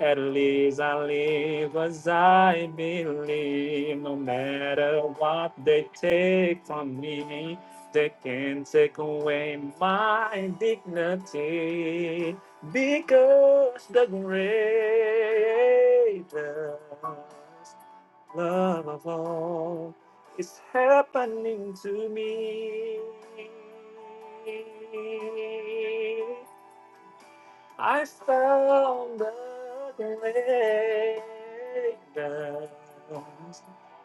D: at least I live as I believe, no matter what they take from me. They can not take away my dignity because the greatest love of all is happening to me. I found the greatest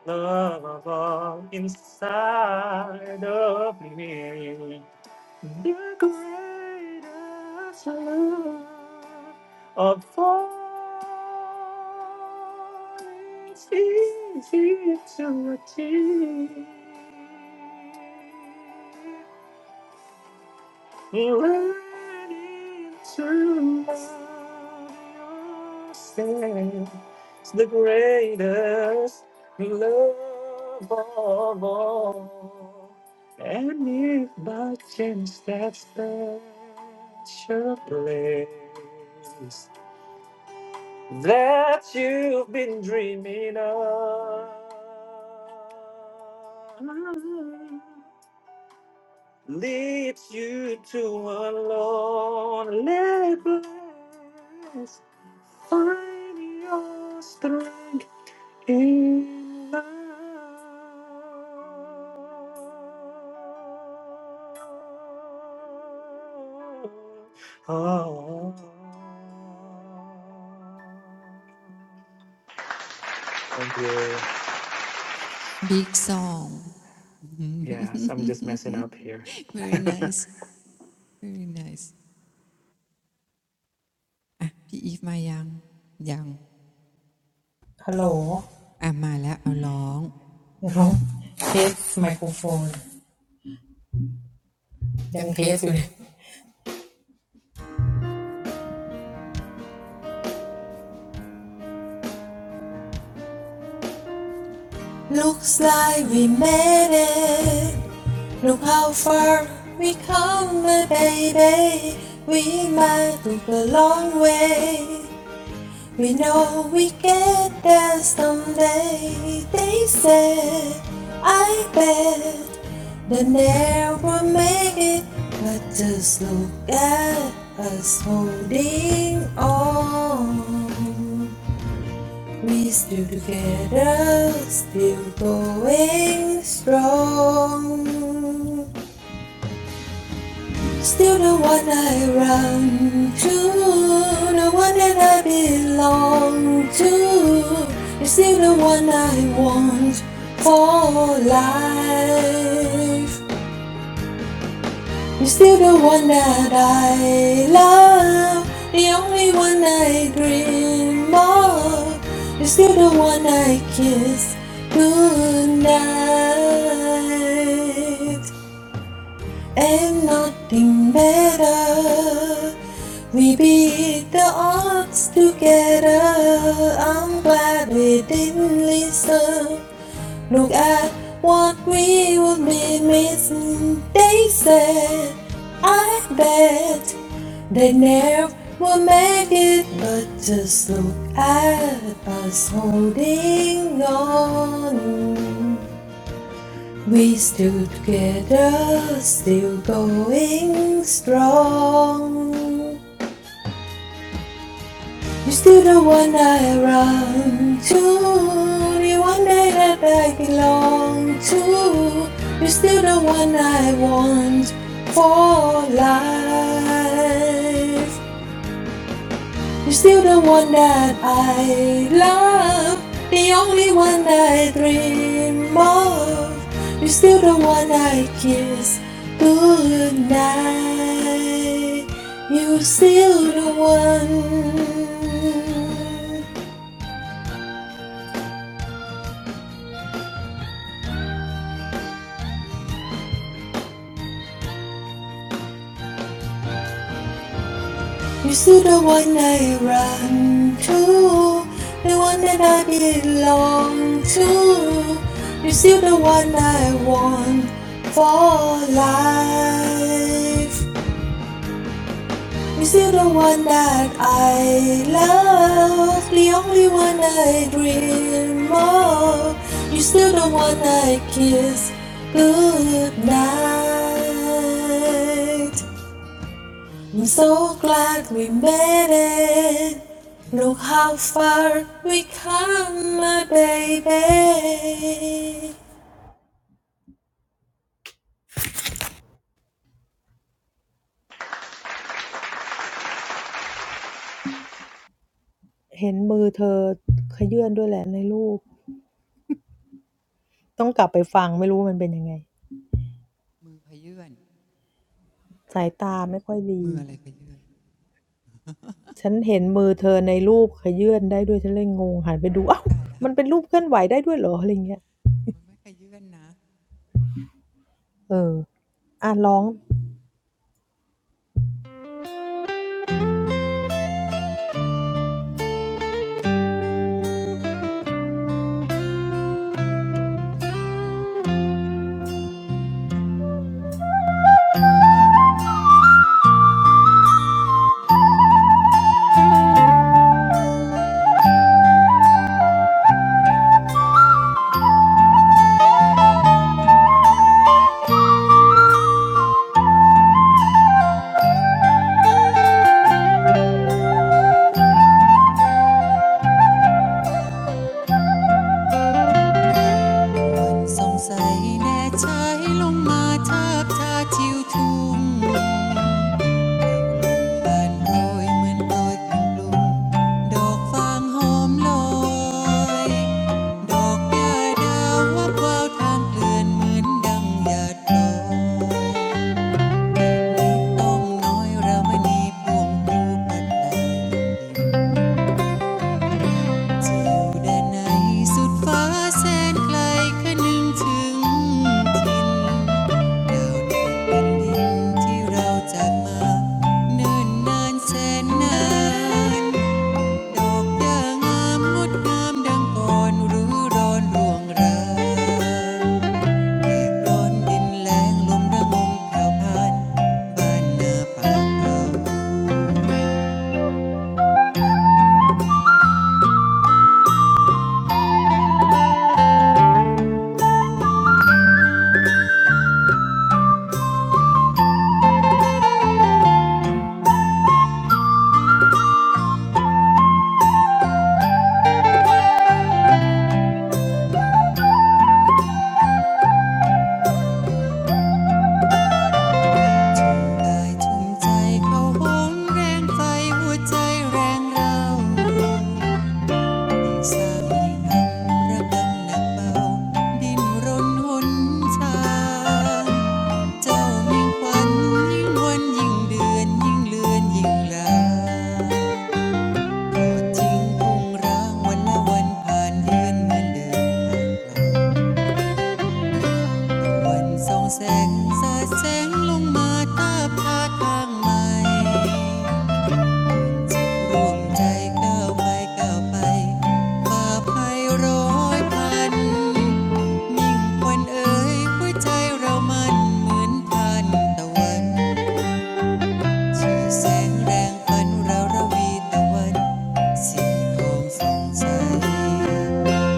D: love of all inside of me. The greatest love of all is easy to achieve. Learning to love yourself is the greatest love of all. And if by chance that special place that you've been dreaming of leads you to a lonely place. Find your strength in love. Oh. Thank you.
C: Big song. <laughs>
D: Yes, I'm just messing up here.
C: very nice, very nice. อ่ะพี่อีฟมายังยัง
A: Hello.
C: อ่ะมาแล้วเอาร้อง
A: Hello. Test microphone. ฮัลโหล test it. Looks like we made it. Look how far we come, baby. We might look a long way. We know we get there someday, they said. I bet they never make it, but just look at us holding on. We still together, still going strong. Still the one I run to, the one that I belong to. You're still the one I want for life. You're still the one that I love, the only one I dream of. You're still the one I kiss goodnight, and nothing better. We beat the odds together. I'm glad we didn't listen. Look at what we would be missing. They said, I bet they never will make it. But just look at us holding on. We stood together, still going strong. You are still the one I run to, the one that I belong to. You're still the one I want for life. You're still the one that I love, the only one I dream of. You're still the one I kiss goodnight. You're still the one. You're the one I run to, the one that I belong to. You're still the one I want for life. You're still the one that I love, the only one I dream of. You're still the one I kiss goodnight. I'm so glad we made it. Look how far we come, my baby. เห็นมือเธอขยื่นด้วยแหละในรูปต้องกลับไปฟังไม่รู้มันเป็นยังไง
C: มือขยื่นมือ
A: สายตาไม่ค่อยดี
C: อะไรขยื่นพูดตายแล้ว
A: ฉันเห็นมือเธอในรูปขยื่นได้ด้วยฉันเลยงงหันไปดูอ้าวมันเป็นรูปเคลื่อนไหวได้ด้วยเหรออะไรเงี้ยเออ
C: มันไม่ขยื่นนะ
A: อ่ะร้อง
C: มันสงสัยแน่ใจลงมาทาบทาทิวทุ่ง บานโรยเหมือนโรยกรนดุมดอกฟางหอมลอยดอกหาดาววับวาวทางเกือนเหมือนดังหยาดลต้องน้อยรามณีพวงรูปัดตายเจแดนไหนสุดฟ้าแสนไกลคะนึงถึงทิ่นดาว่เป็นทินที่เราจากมาเนิ่นนานแสนนาน ดอกย่าองามงดงามดังก่อนรู้ร้อนร่วงเริงร้อนดินแรงลมระงมแผ่วผ่านบ้านนาป่าเอิงกายชุ่มใจเข้าห้องแรงไฟหัวใจแรงเราสร้างให้คำระกำหนักเบาดินรนหนทางเจ้ามิ่งควันยิ่งวันยิ่งเดือนยิ่งเลือนยิ่งลา จิง่งราวันละวันผ่านเรือนเหมือนเดิมวันสองแสงสาแสงลงมาตาพาทางใหม่ร่วมใจก้าวไปก้าวไปป่าไพรอยพันมิ่งควนเอ๋ยหัวใจเรามันเหมือนพันตะวัน ชื่อแสงแรงฝันเราระวีตะวันสีทองสงสัย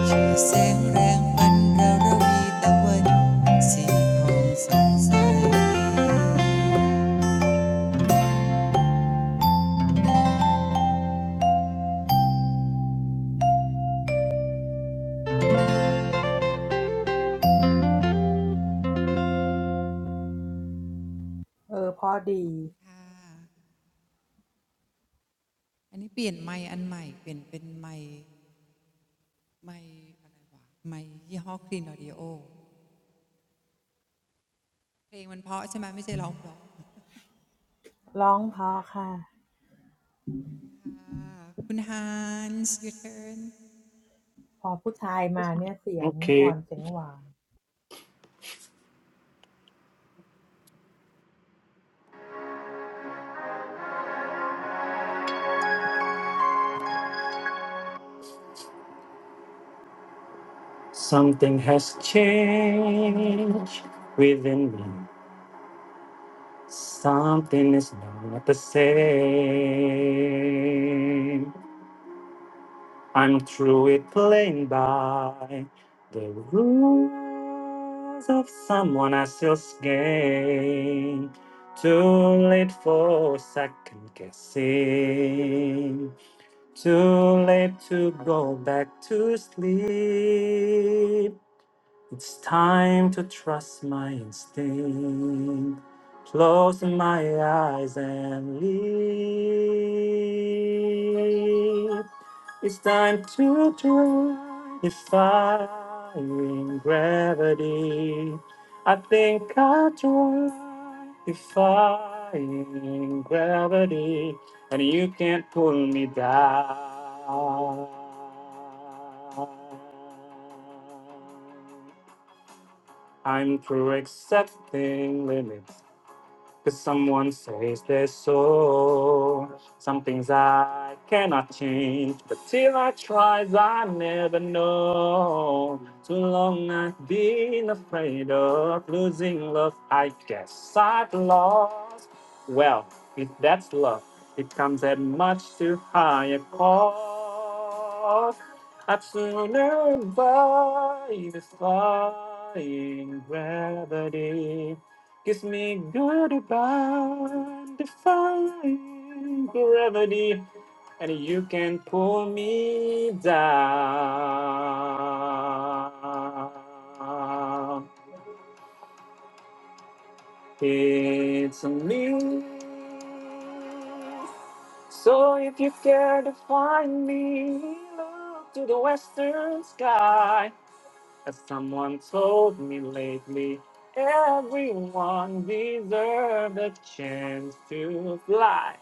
C: ชื่อแสงแรงปันระรวีตะวันสีทองสองใส
A: เออพอดี
C: อันนี้เปลี่ยนไม้อันใหม่เปลี่ยนเป็นไม้ไม้อะไรวะไม้ยี่ห้อคลีนออดิโอเพลงมันเพราะใช่ไหมไม่ใช่ร้องเพราะ
A: ร้องเพอค่ะ
C: คุณฮันส์ยูเทิร์น
D: Okay.
A: พอผู้ชายมาเนี่ยเสียงอ่อนเสียงหวาน
D: Something has changed within me. Something is not the same. I'm through it playing by the rules of someone else's game. Too late for second guessing. Too late to go back to sleep. It's time to trust my instinct. Close my eyes and leave. It's time to try defying gravity. I think I'll try defying gravity, and you can't pull me down. I'm through accepting limits. Cause someone says they're so. Some things I cannot change, but till I try, I never know. Too long I've been afraid of losing love. I guess I've lost. Well, if that's love, it comes at much too high a cost. I'd sooner buy defying gravity Kiss me goodbye, defying gravity, and you can pull me down. It's me. So if you care to find me, look to the western sky. As someone told me lately, everyone deserves a chance to fly.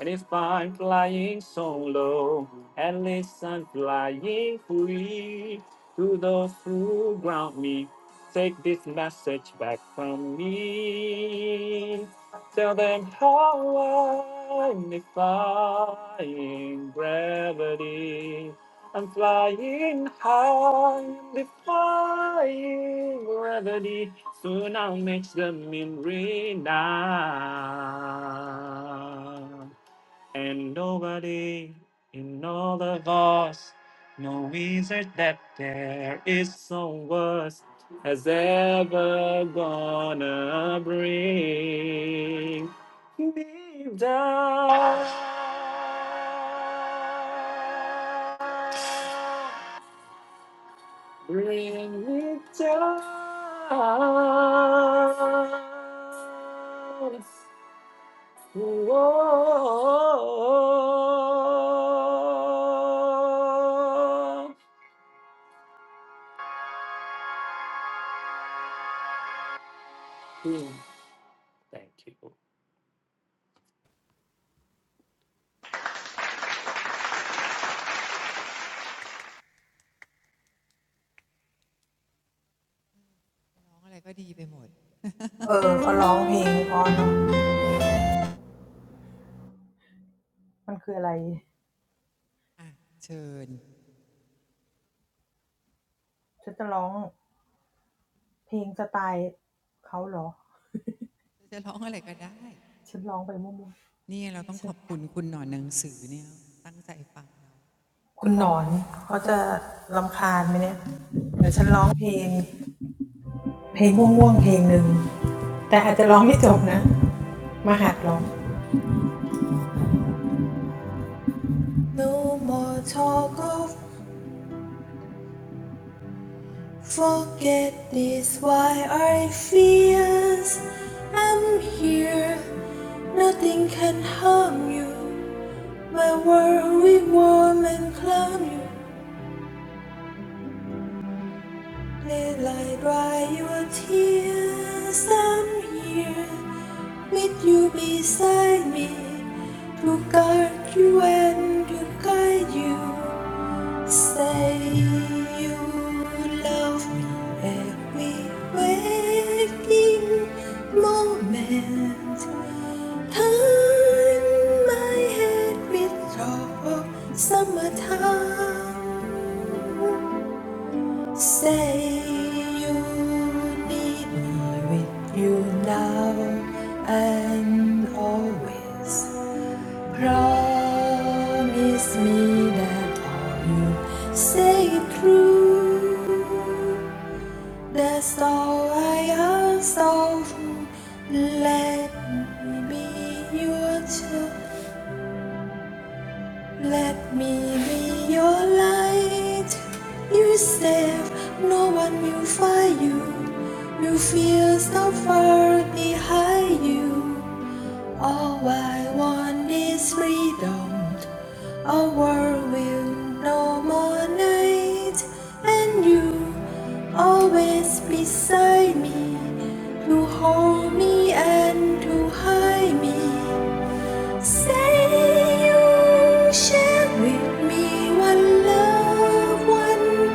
D: And if I'm flying solo, at least I'm flying free. To those who ground me, take this message back from me. Tell them how I'm defying gravity. I'm flying high, defying gravity. Soon I'll match them in renown. And nobody in all of us knows it that there is some worse has ever gonna bring me down. Bring me down. Whoa. Thank you.
C: ร้องอะไรก็ดีไปหมดเชิญจะร้องอะไรก็ได้เนี่ยเราต้องขอบ
A: เออเขาร้องเพลงเพอเนาะมันคืออะไรฉันจะร้องเพลงสไตล์เขาเหรอฉันร้องไปมั่วๆฉันคุณหนอนเขาจะรำคาญไหมเนี่ยเดี๋ยวฉันร้องเพลงเพลงม่วงๆเพลงหนึ่งแต่อาจจะร้องไม่จบนะมาหัดร้อง
C: คุณคุณหนอนหนังสือเนี่ยตั้งใจฟังเ
A: No more talk of forget this why I feel I'm here. Nothing can harm you. My world we warm and clown you. Daylight dry your tears. I'm here with you beside me to guard you and to guide you. Say you love me every waking moment. Turn my head with your summertime. Say you need me with you now and always. Promise me that all you say is true. That's all I ask of you. Let me be your child. Let me be your light. You said no one will find you. You feel so far behind you. All I want is freedom. A world with no more night, and you always beside me to hold me and to hide me. Say you share with me one love, one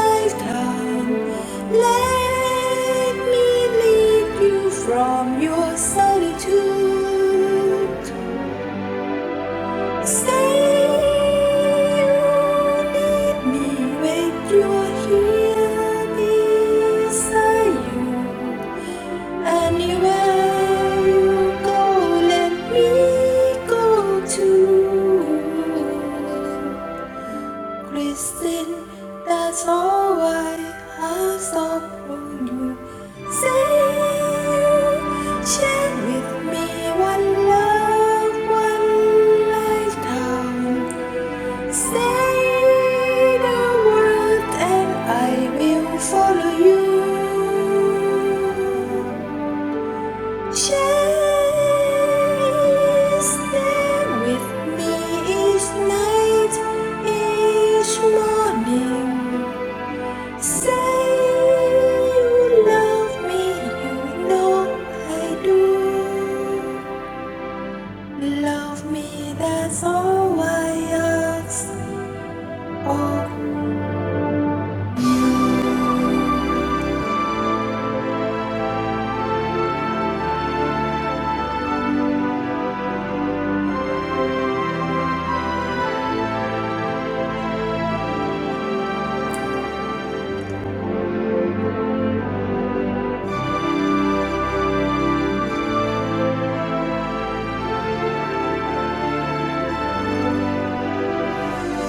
A: lifetime. Let me lead you from your solitude. Kristen, that's all I ask from you. Say you share with me one love, one lifetime. Say the word and I will follow you. Just stay with me each night, each morning. Say you love me, you know I do. Love me, that's all I ask. Oh. You,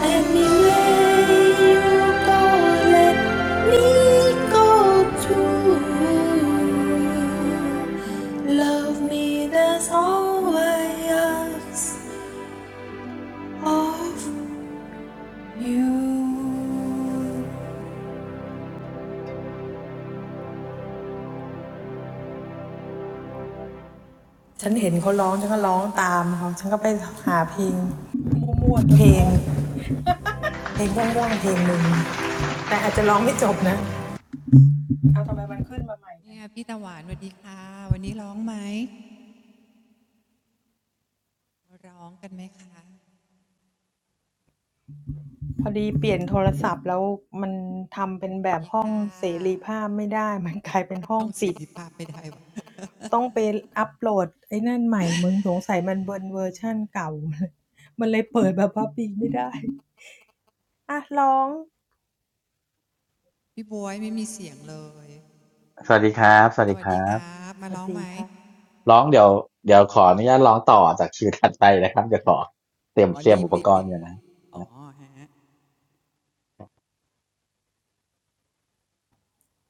A: anywhere you go, let me go too. Love me, that's all I ask of you. I saw him singing, so I sang along. I went to find a song, a song, a song. But I didn't finish it. Why did it come back?
C: นี่ยพี่ตาหวานสวัสดีค่ะวันนี้ร้องไหมร้องกันไหมคะสวัสดีค่ะ
A: พอดีเปลี่ยนโทรศัพท์แล้วมันทำเป็นแบบห้องเสรีภาพไม่ได้ <laughs>
C: ท่องสิท
A: มันกลายเป็นห้องปิด
C: ธิภาพไม่ได้วะ
A: ต้องไปอัปโหลดไอ้นั่นใหม่มึงสงสัยมันเบิร์นเวอร์ชั่นเก่า <laughs> มันเลยเปิดแบบพับปีไม่ได้อ่ะร้อง
C: พี่บวยไม่มีเสียงเลย
E: สวัสดีครับสวั
C: ส
E: สดี
C: วัส
E: ค
C: ดี
E: รั
C: ค
E: บ
C: รับมาร้องไหม
A: สวัสดีค่ะ
E: ร้องเดี๋ยวเดี๋ยวขออนุญาตร้องต่อจากคิวถัดไปนะครับเดี๋ยวขอเตรียม
C: อ๋อ
E: เตรีย
C: รี
E: ม
C: บ
E: อุป
C: รี
E: ก
C: บ
E: ร
C: รี
E: ณ์
C: บ
E: กยูนนะ
C: อ๋อฮะ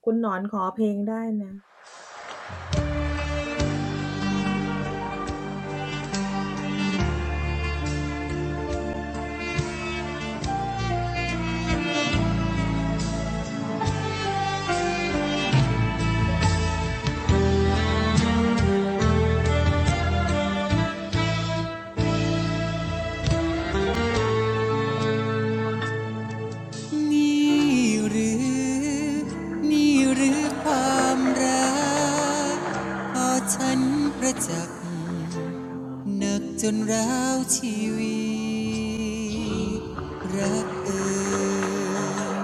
A: คุณหนอนขอเพลงได้นะ
C: นี่หรือนี่หรือความรักพอฉันประจักษ์หนักจนร้าวชีวิตรักเอ่ย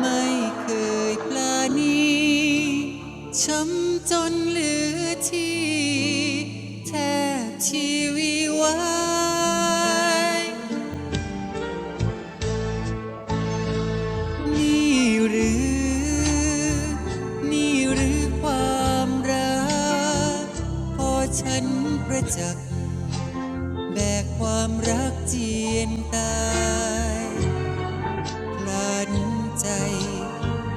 C: ไม่เคยปลานีช้ำจนเหลือที่แทบชีวิไวายนี่หรือนี่หรือความรักพอฉันประจักษ์แบกความรักเจียนตาย พลันใจ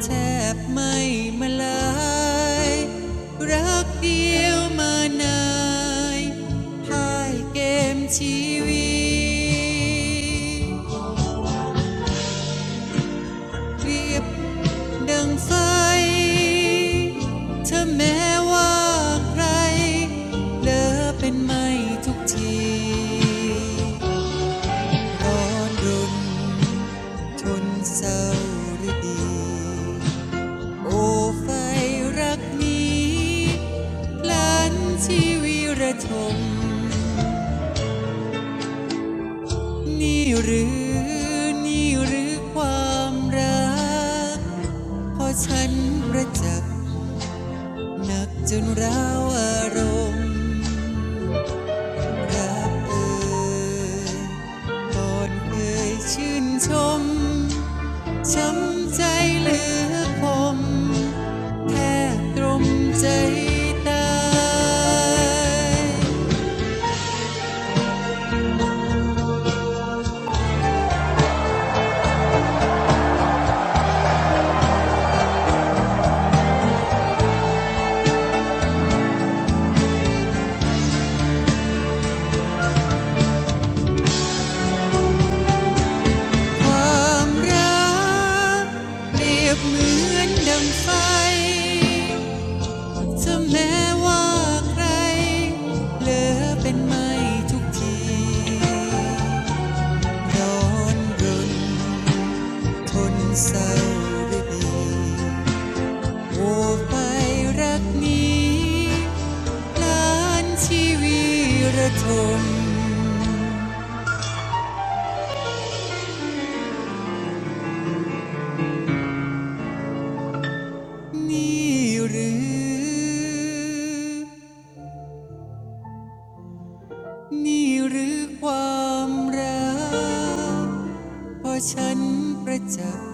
C: แทบไม่มาลายรักเดียวมานายพ่ายเกมชีวิตเรียบดังไฟเธอแม้ว่าใครเลอเป็นไม่ทุกทีร้อนรุนทนเศร้าหรือดี โอ้ไฟรักนี้พลันชีวิระชมนี่หรือนี่หรือความรักพอฉันประจักษ์หนักจนร้าวอารมณ์รักเอ่ยก่อนเคยชื่นชมช้ำใจเหลือคมแทบตรมใจตาย ความรักเปรียบเหมือนดังไฟถ้าแม้ว่าใครเหลือเป็นไม่ทุกทีร้อนรนทนเศร้าด้วยดีโอ้ไปรักนี้ล้านชีวิตระทมนี่หรือ นี่หรือความรัก เพราะฉันประจักษ์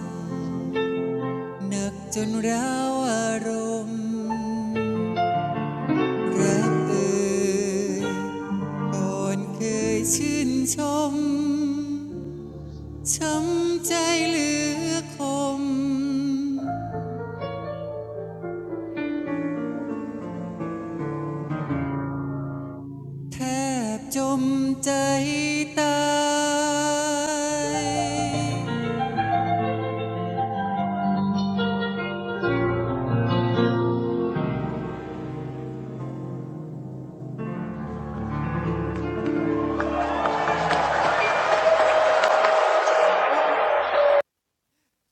C: หนักจนร้าวอารมณ์รักเอ่ยก่อนเคยชื่นชมช้ำใจเหลือคมแทบจมใจตาย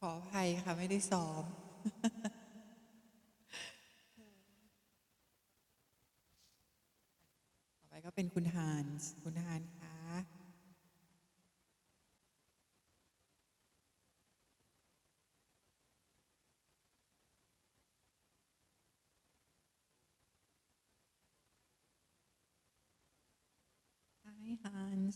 C: ขออภัยค่ะไม่ได้ซ้อมต่อไปก็เป็นคุณฮานส์คุณฮานค่ะ Hi Hans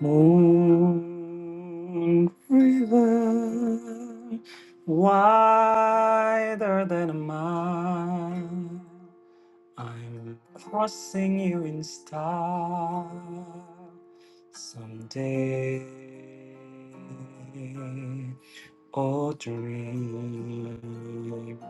D: Moon river, wider than a mile. I'm crossing you in style someday. Oh, dream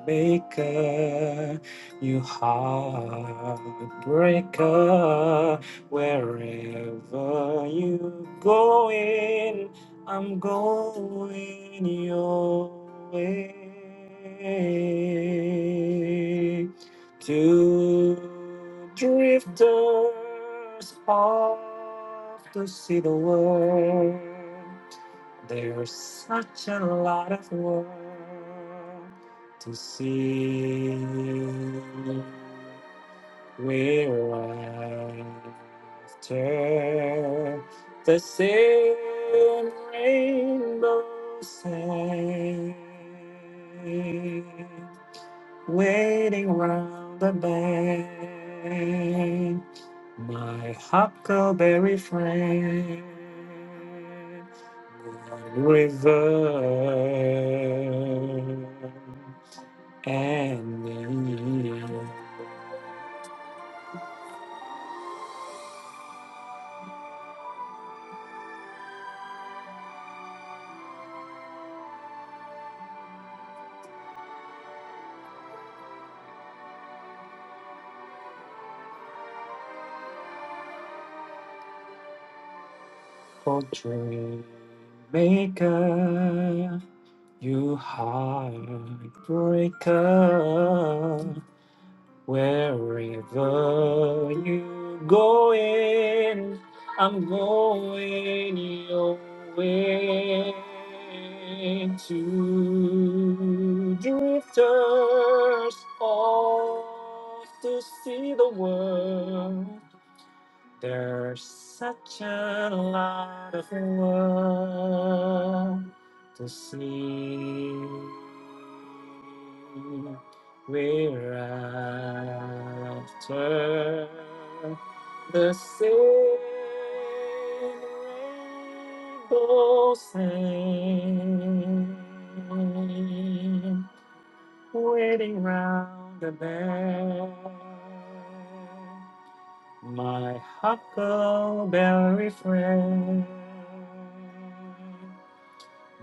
D: maker, you heartbreaker, wherever you going, I'm going your way. To drifters off to see the world. There's such a lot of world to see we're after the same rainbow same waiting round the bend my huckleberry friend river and the portrait maker, you heartbreaker. Wherever you are going, I'm going your way to drifters off to see the world. There's such a lot of world to see. We're after the same rainbow same, waiting round the bend my huckleberry friend,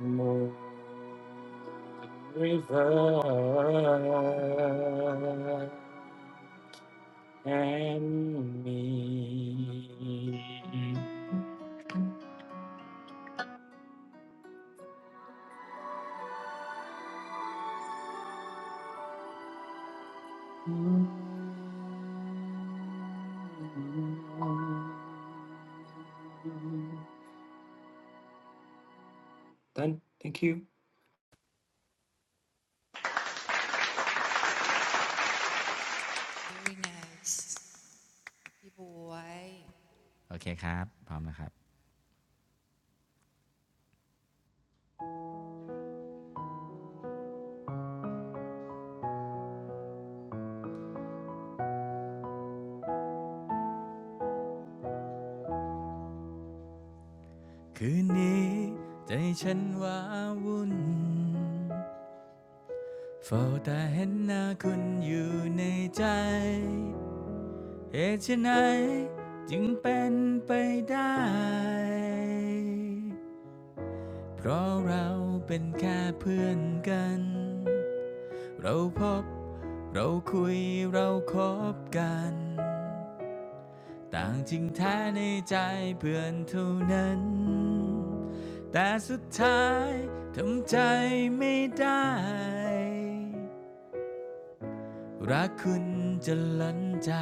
D: Moon River and me. Done. Thank you.
C: very nice พี่บวย
E: โอเคครับพร้อมนะครับคืนนี้ใจฉันว้าวุ่นเฝ้าแต่เห็นหน้าคุณอยู่ในใจเหตุไฉนจึงเป็นไปได้เพราะเราเป็นแค่เพื่อนกัน เราพบเราคุยเราคบกันต่างจริงแท้ในใจเพื่อนเท่านั้นแต่สุดท้ายทำใจไม่ได้รักคุณจะล้นใจ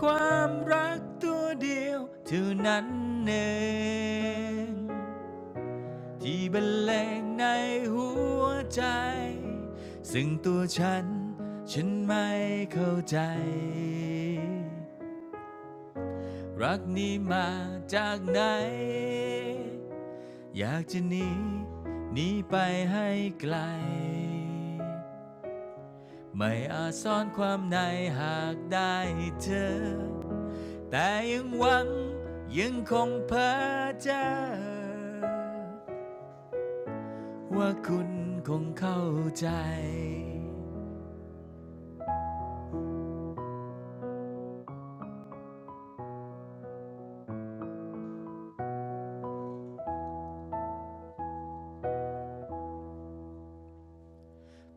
E: ความรักตัวเดียวเท่านั้นเอง ที่บรรเลงในหัวใจซึ่งตัวฉันฉันไม่เข้าใจรักนี้มาจากไหนอยากจะหนีหนีไปให้ไกลไม่อาจซ่อนความในหากได้เธอแต่ยังหวังยังคงเพ้อเจอ ว่าคุณคงเข้าใจ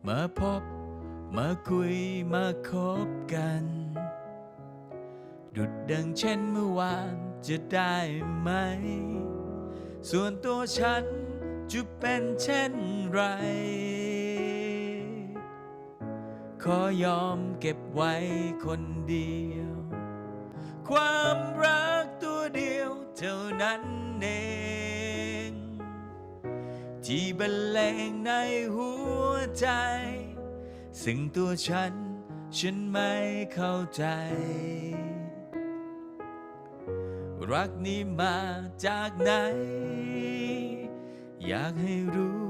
E: มาพบมาคุยมาคบกันดุดดังเช่นเมื่อวานจะได้ไหมส่วนตัวฉันจะเป็นเช่นไรขอยอมเก็บไว้คนเดียวความรักตัวเดียวเท่านั้นเอง ที่บรรเลงในหัวใจซึ่งตัวฉันฉันไม่เข้าใจรักนี้มาจากไหนอยากให้รู้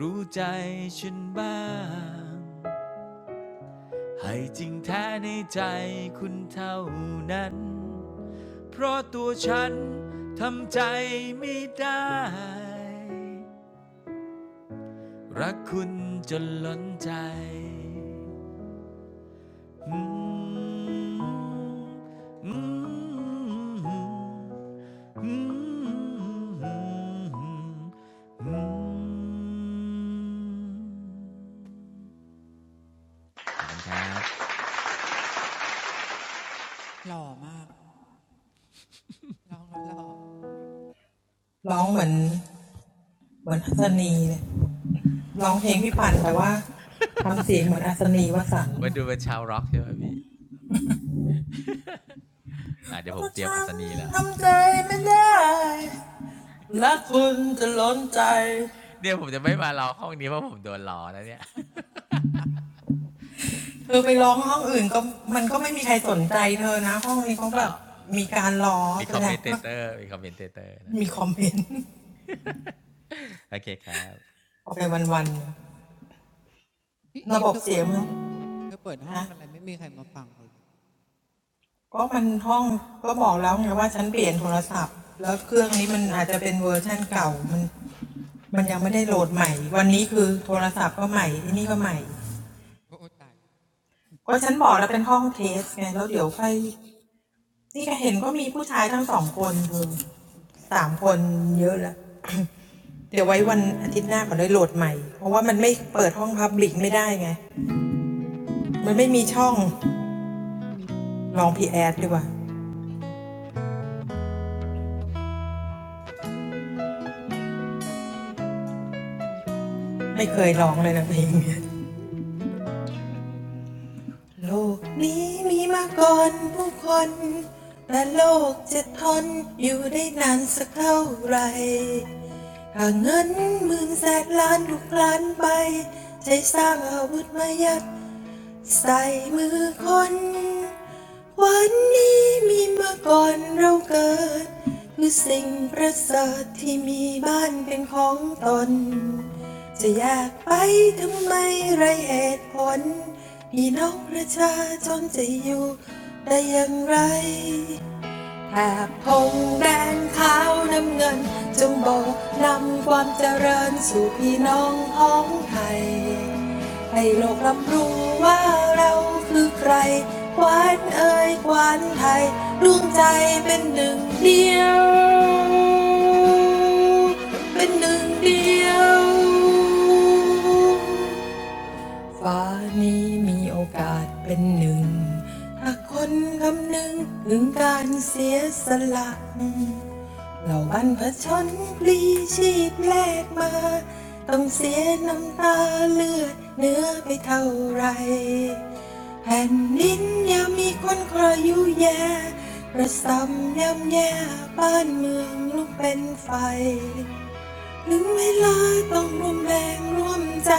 E: รู้ใจฉันบ้างให้จริงแท้ในใจคุณเท่านั้นเพราะตัวฉันทำใจไม่ได้รักคุณจนล้นใจ อืมอืมอืมอืมอืมขอบคุณครับ
C: หล่อมากร้องแล้วหล่อ
E: วาดู
A: ร้องเหมือนเหมือนอัศนีเนี่ยร้องเพลงพี่ปั่นแต่ว่าทำเสียงเหมือนอัศนีวสันต์เพราะฉันทำใจไม่ได้
E: เป็นชาวร็อกใช่ไหมพี่อ่าเดี๋ยวผมเตรียมอัศนีแล้วเนี่ยผมจะไม่มาล้อห้องนี้เพราะผมโดนล้อนะเนี่ย
A: เธอไปร้องห้องอื่นก็มันก็ไม่มีใครสนใจเธอนะ
E: อ๋อโอเคมีคอมเมนเตเตอร์มีคอมเมนเตเตอร์นะโอเคโอเคครับ
C: พี่อีฟเธอเปิดห้องเธอเปิดห้องอะไรไม่มีใครมาฟังเลยโอ้ตาย
A: เดี๋ยวไว้วันอาทิตย์หน้าขอได้โหลดใหม่เพราะว่ามันไม่เปิดห้องพับลิกไม่ได้ไงมันไม่มีช่องลองพี่แอดดีกว่าไม่เคยร้องเลยนะเพลงเนี้ยโลกนี้มีมาก่อนผู้คนแต่โลกจะทนอยู่ได้นานสักเท่าไหร่หากเงินหมื่นแสนล้านทุกล้านไปใช้สร้างอาวุธมายัด ใส่มือคน แถบธงแดงขาวน้ำเงิน ฟ้านี้มีโอกาสเป็นหนึ่งหากคนคำนึงถึงการเสียสละเหล่าบรรพชนปลีชีพแลกมา ถึงเวลาต้องร่วมแรงร่วมใจ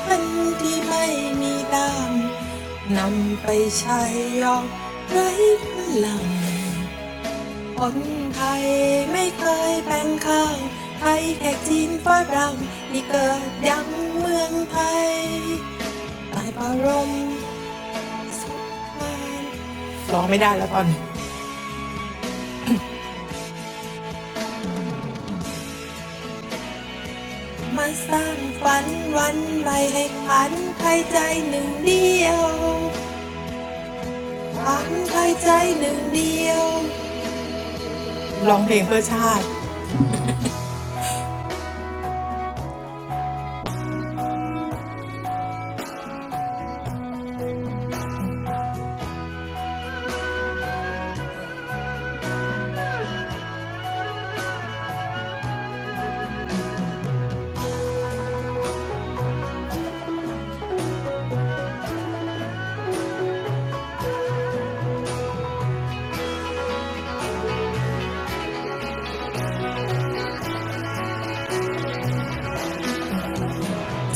A: พันที่ไม่มีดังนำไปใช้ยอมไร้พลังคนไทยไม่เคยแบ่งข้างไทยแขกจีนฝรั่งนี่เกิดยังเมืองไทยใตายปารมสุขภัยร้องไม่ได้แล้วตอนนี้มาสร้างฝันวันใหม่ให้ขันไทยใจหนึ่งเดียวขันไทยใจหนึ่งเดียวร้องเพลงเพื่อชาติ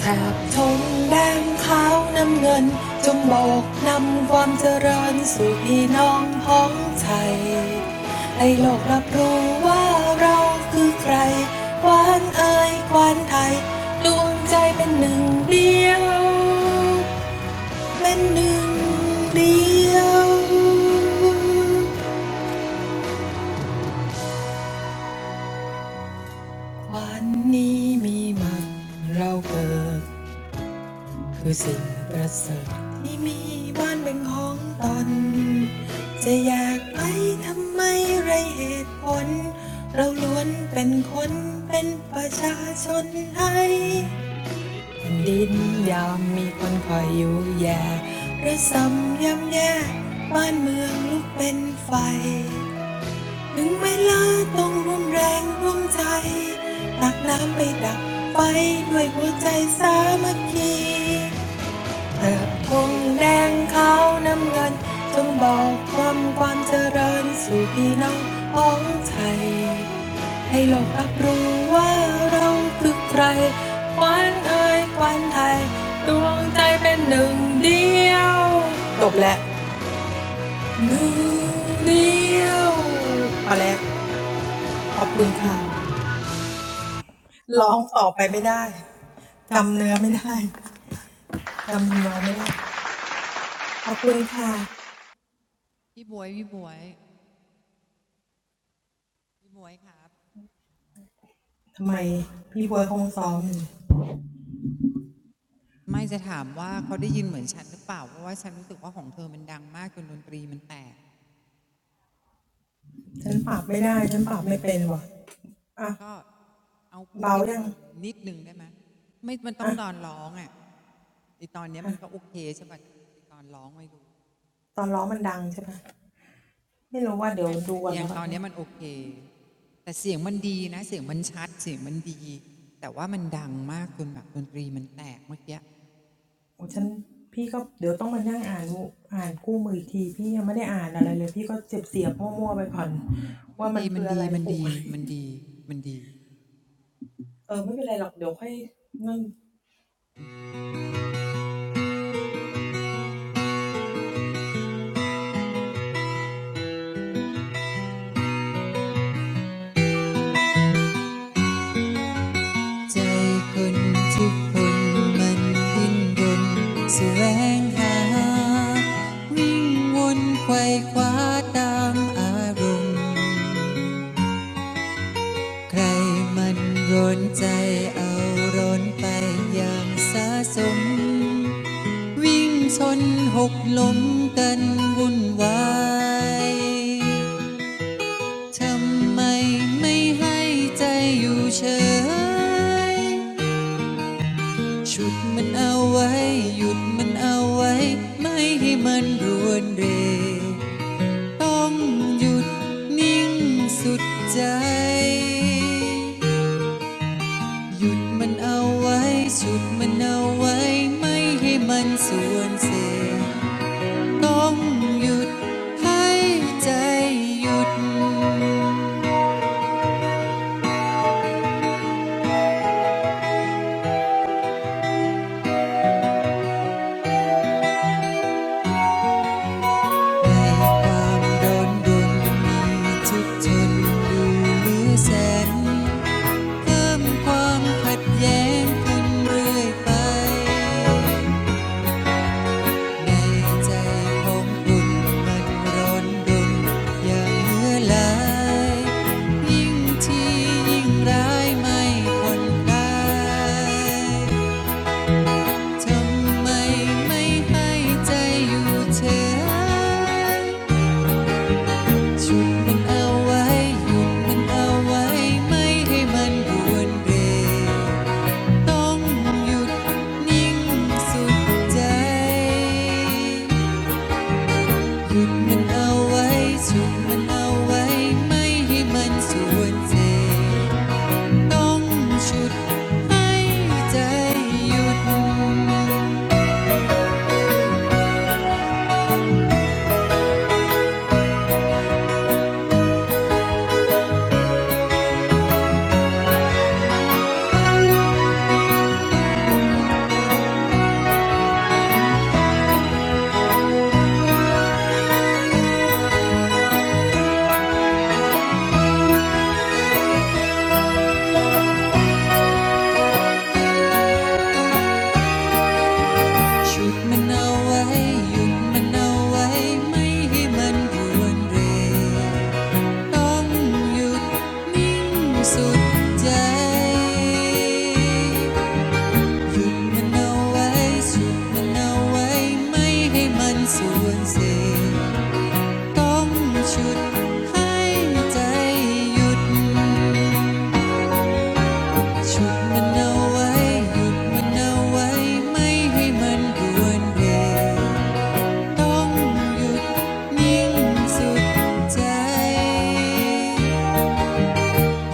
A: แถบธงแดงขาวน้ำเงิน คือสิ่งประเสริฐที่มีบ้านเป็นของตนจะอยากไปทำไมไรเหตุผลเราล้วนเป็นคนเป็นประชาชนไทยแผ่นดินยามมีคนคอยอยู่แย่ระสำยำแย่บ้านเมืองลุกเป็นไฟถึงเวลาต้องร่วมแรงร่วมใจตักน้ำไปดับไฟด้วยหัวใจสามัคคี เธอคงแดงขาวน้ำเงินจงบอกความความเจริญสู่พี่น้องของไทยให้โลกรับรู้ว่าเราคือใครควันเอ่ยควันไทยดวงใจเป็นหนึ่งเดียวจบแล้วหนึ่งเดียวพอแล้วขอบคุณค่ะร้องต่อไปไม่ได้จำเนื้อไม่ได้จำทำนองไม่ได้
C: พี่บวยพี่บวยพี่บวยครับ
A: ขอบคุณค่ะทำไมพี่เบิร์ดคงซ้อมอยู่
C: ไม่จะถามว่าเขาได้ยินเหมือนฉันหรือเปล่าเพราะว่าฉันรู้สึกว่าของเธอมันดังมากจนดนตรีมันแตกก็เอาพูดให้มันลงนิดนึงได้ไหมไม่มันต้องตอนร้องอ่ะไอตอนนี้มันก็โอเคใช่ปะไตอนร้องไม่รู้ อ่ะแต่อย่างตอนเนี้ยมัน
A: ปรับไม่ได้ฉันปรับไม่เป็นว่ะอ่ะเบายังอ่ะฮะตอนร้องมันดังใช่ป่ะไม่รู้ว่าเดี๋ยวดูก่อนแล้วกันมั้ยโอ้ฉันพี่ก็เดี๋ยวต้องมานั่งอ่านอ่านคู่มืออีกทีพี่ยังไม่ได้อ่านอะไรเลยพี่ก็เจ็บเสียบมั่วๆไปก่อนว่ามันคืออะไรปลูกตกลงนี่
C: โอเค แต่เสียงมันดีนะเสียงมันชัดเสียงมันดีแต่ว่ามันดังมากจนแบบดนตรีมันแตกเมื่อกี้มันดีมันดีมันดีมันดีมันดีใจคนทุกคนมันดิ้นรนแสวงหาวิ่งวนไขว่คว้าตามอารมณ์ใครมันร้อนใจเอาร้อนไปอย่างสะสม วิ่งชนหกล้มกันวุ่นวายทำไมไม่ให้ใจอยู่เฉยชุดมันเอาไว้หยุดมันเอาไว้ไม่ให้มันรวนเรต้องหยุดนิ่งสุดใจหยุดมันเอาไว้ชุดมันเอาไว้ไม่ให้มันส่วนเสย ต้องหยุดให้ใจหยุดในความโดนดนมีทุกทนดูเหลือแสนเพิ่มความขัดแย้งขึ้นเรื่อยไปในใจของคุณมันร้อนดนอย่างเหลือหลายยิ่งที่ยิ่งร้ายไม่คนได้ ทำไมไม่ให้ใจอยู่เฉยฉุดมันเอาไว้หยุดมันเอาไว้ ไม่ให้มันบวนเรต้องหยุดนิ่งสุดใจหยุดมันเอาไว้ฉุดมันเอาไว้ ไม่ให้มันสวนเสต้องชุดให้ใจหยุด ฉุดมันเอาไว้หยุดมันเอาไว้ไม่ให้มันรวนเรต้องหยุดนิ่งสุดใจหยุดมันเอาไว้ฉุดมันเอาไว้ไม่ให้มันสวนเสต้องฉุดให้ใจหยุดฉุดมันเอาไว้หยุดมันเอาไว้ไม่ให้มันรวนเร ต้องหยุดนิ่งสุดใจ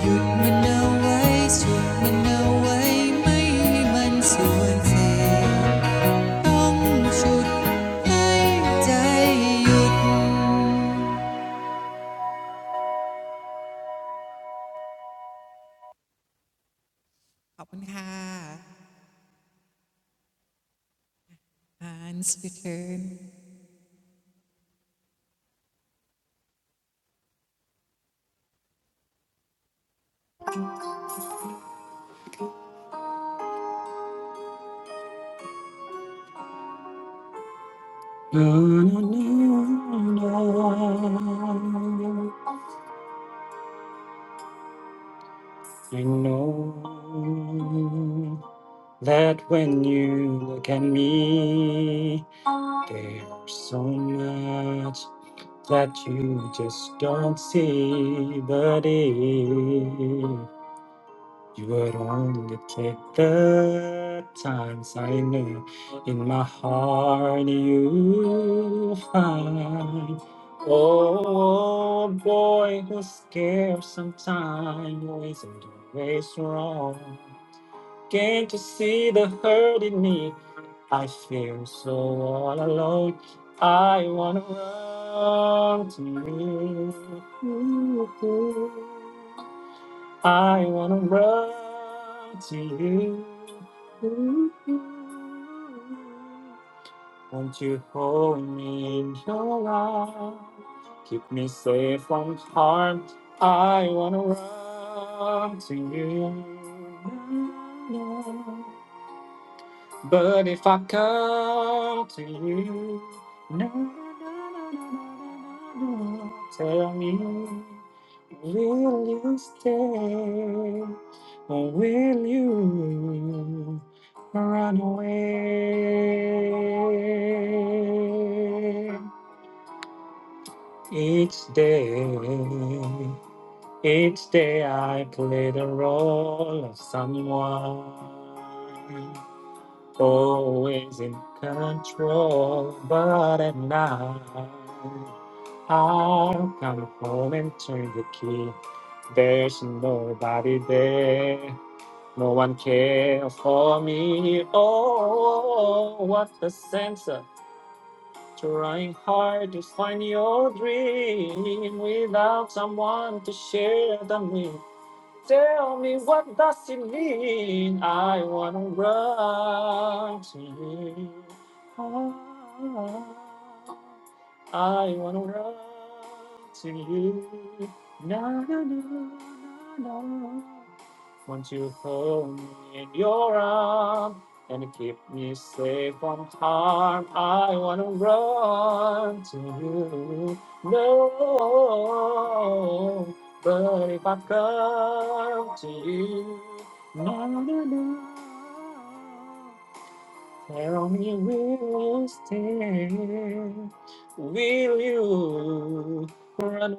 C: หยุดมันเอาไว้ฉุดมันเอาไว้ไม่ให้มันส่วนเสียต้องฉุดให้ใจหยุดขอบคุณค่ะ Hans Return
D: Na, na, na, na. I know that when you look at me, There's so much that you just don't see, but if you would only take the time, I know in my heart you find. Oh boy, who's scared sometimes, who isn't always wrong. Can't you see the hurt in me? I feel so all alone. I wanna run to you. I wanna run to you. Won't you hold me in your arms? Keep me safe from harm. I wanna run to you. But if I come to you, no, no, no, no, no, no, no, no, tell me, will you stay or will you run away? Each day, each day I play the role of someone always in control, but at night I'll come home and turn the key. There's nobody there, no one cares for me. Oh, what's the sense of trying hard to find your dream without someone to share them with? Tell me what does it mean? I wanna run to you. I wanna run to you. Na na na na na. Won't you hold me in your arms and keep me safe from harm? I wanna run to you. No, but if I come to you, no, no, no. Tell me, will you stay? Will you run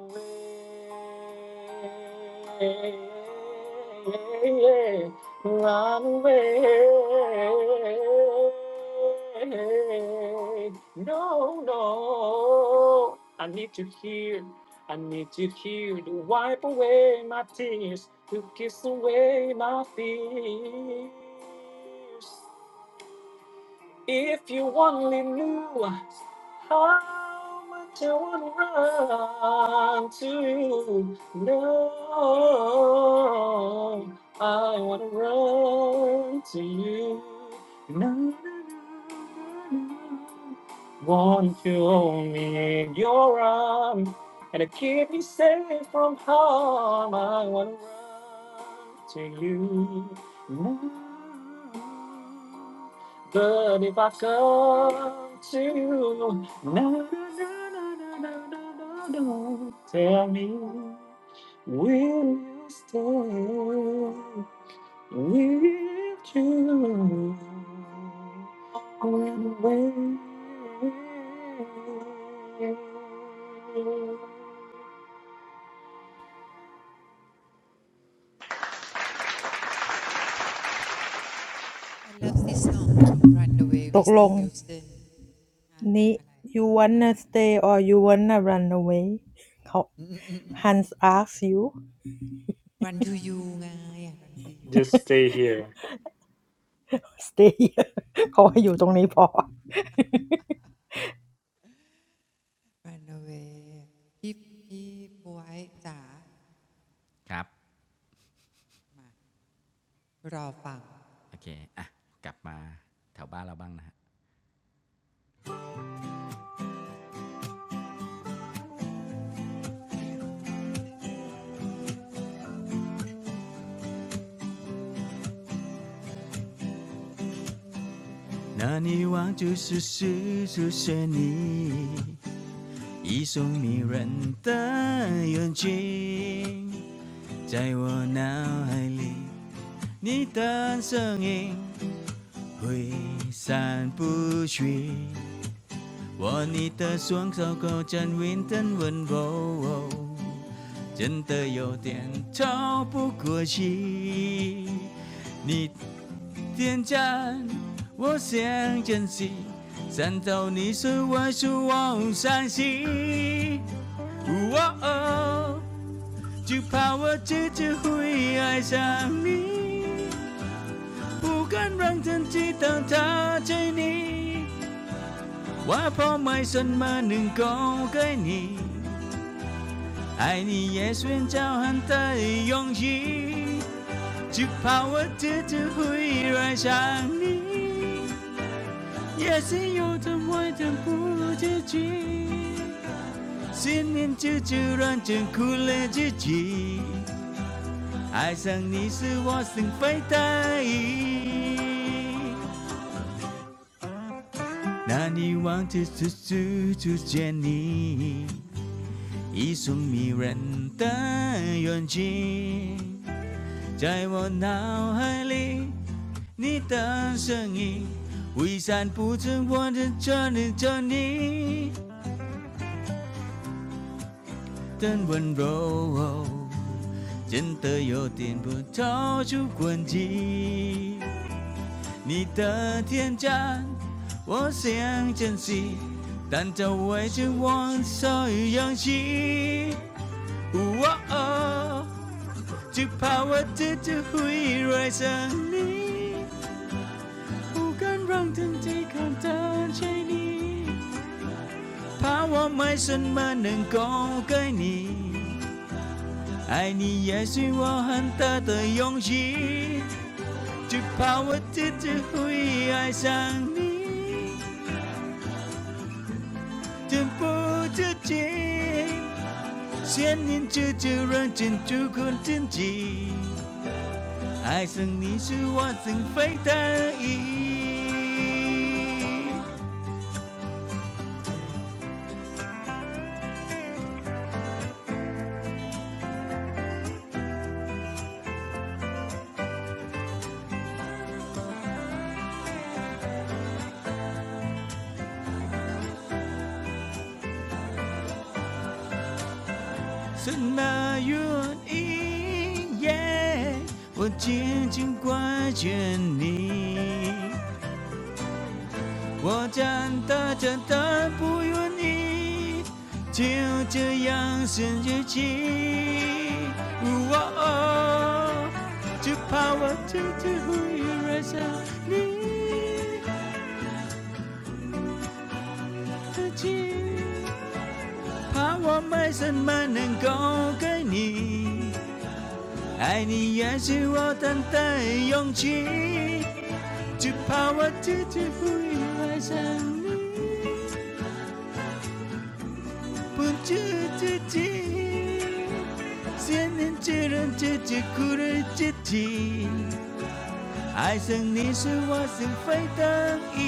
D: away? Run away. No, no. I need to hear. I need to hear to wipe away my tears, to kiss away my fears. If you only knew how much I would run to you. No, I want to run to you. No, no, no, no. no. Want you only in your arms and to keep me safe from harm. I want to run to you. No. But if I come to you, na, na, na, na, na, na, na, na, tell me, will you stay with you? Going away.
C: I love this song Run Away Whitney Houston นะอะไร
A: You
C: อะไร
A: wanna stay or you wanna run away? He asks you.
C: Run to you ไง Run to you
D: Just stay here.
A: Stay. He wants you to stay here. He wants
C: Run away พี่พี่บวยจ๋า
E: ครับ
C: รอฟัง
E: โอเคอ่ะกลับมาแถวบ้านเราบ้างนะฮะ 那女王就是施主雪妮，一双迷人的眼睛，在我脑海里，你的身影挥散不去。握你的双手，勾着云吞温柔，真的有点透不过去。你天真，我想珍惜，战到你是我是我伤心。哦哦，就怕我自己会爱上你，不敢让自己当他追你。我抛卖什么能够给你？爱你也寻找很的勇气，就怕我自己会爱上你。也是有种爱情不如自己，心念久久让人苦了自己，爱上你是我心非大意。那你望着处处出现你，一双迷人的眼睛，在我脑海里，你的身影，挥散不成我的眷恋着你。很温柔，真的有点不超出轨迹。你的天真，我想珍惜，但这委屈我所有勇气。哦哦只怕我自己会爱上你，不敢让自己看到着你，怕我没什么能够给你。爱你也是我很大的勇气，只怕我自己会爱上你，情不自禁，想念这就让珍珠困自己，爱上你是我心非得已，什么原因？耶我紧紧挂着你。我真的真的不愿意就这样生日记。哇哦，只怕我这次会爱上你自己，怕我没什么能够给你，爱你也是我等的勇气，只怕我自己会爱上你。爱上你是我心扉得意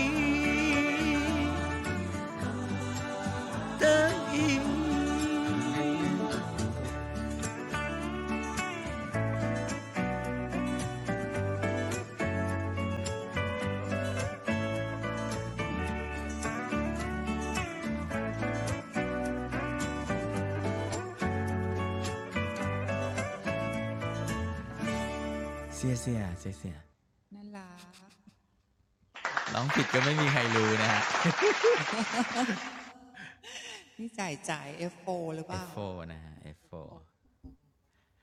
E: 得意เสียเสียเสียเสีย
C: น่ารัก
E: ร้องผิดก็ไม่มีใครรู้นะฮะ
C: นี่จ่ายจ่าย F4 หรือเป
E: <laughs>
C: ล่า
E: F4 นะฮะ F4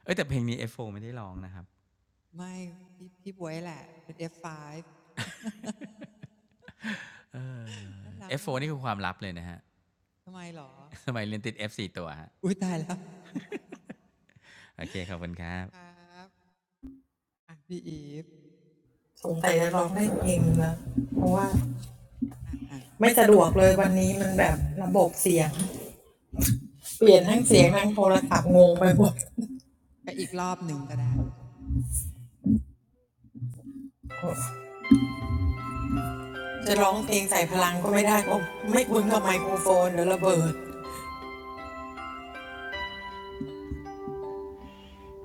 E: เอ้ยแต่เพลงนี้ F4 ไม่ได้ร้องนะครับ
C: ไม่ พี่พี่บวยแหละเป็น F5 น่ารัก
E: F4
C: น่า
E: นี่
C: รั
E: คื
C: ก
E: อความลับเลยนะฮะ
C: ทำไมหรอ
E: <laughs> สมัยเรียนติด F4 ตัวฮะ
C: อุ้ยตายแล้ว
E: โอเคขอบคุณครับ
C: ครับอ่ะพี่อีฟ
A: you to stay here. He wants you to stay here.
C: อ่ะอ่ะอ่ะอ่ะ
A: ไม่สะดวกเลยวันนี้มันแบบระบบเสียงเปลี่ยนทั้งเสียงทั้งโทรศัพท์งงไปหมดจะร้องเพลงใส่พลังก็ไม่ได้ก็ไม่คุ้นกับไมโครโฟนเดี๋ยวระเบิด
C: ไปอีกรอบหนึ่งก็ได้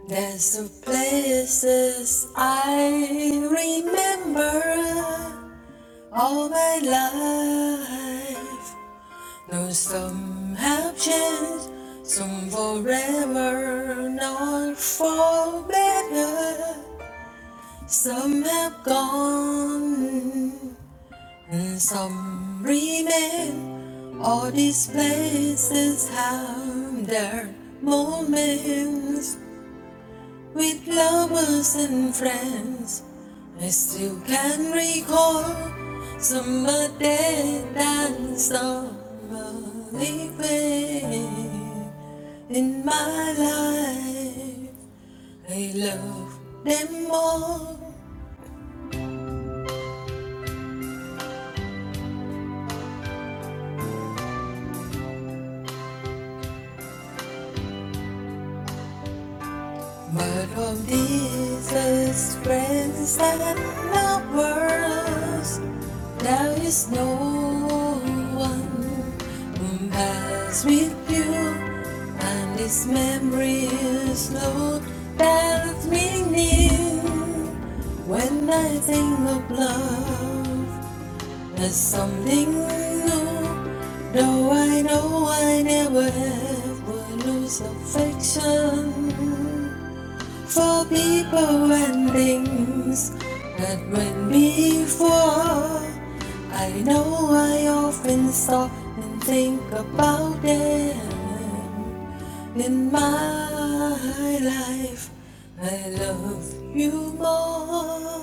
A: There's some places I remember all my life. No, some have changed. Some forever, not for better. Some have gone. Some remain, all these places have their moments with lovers and friends. I still can recall summer day and summer living in my life. I love them all. What of these is friends and not worlds? There is no one who pass with you, and this memory is not that meaning. When I think of love, there's something new. Though I know I never have will lose affection for people and things that went before. I know I often stop and think about them in my life. I love you more.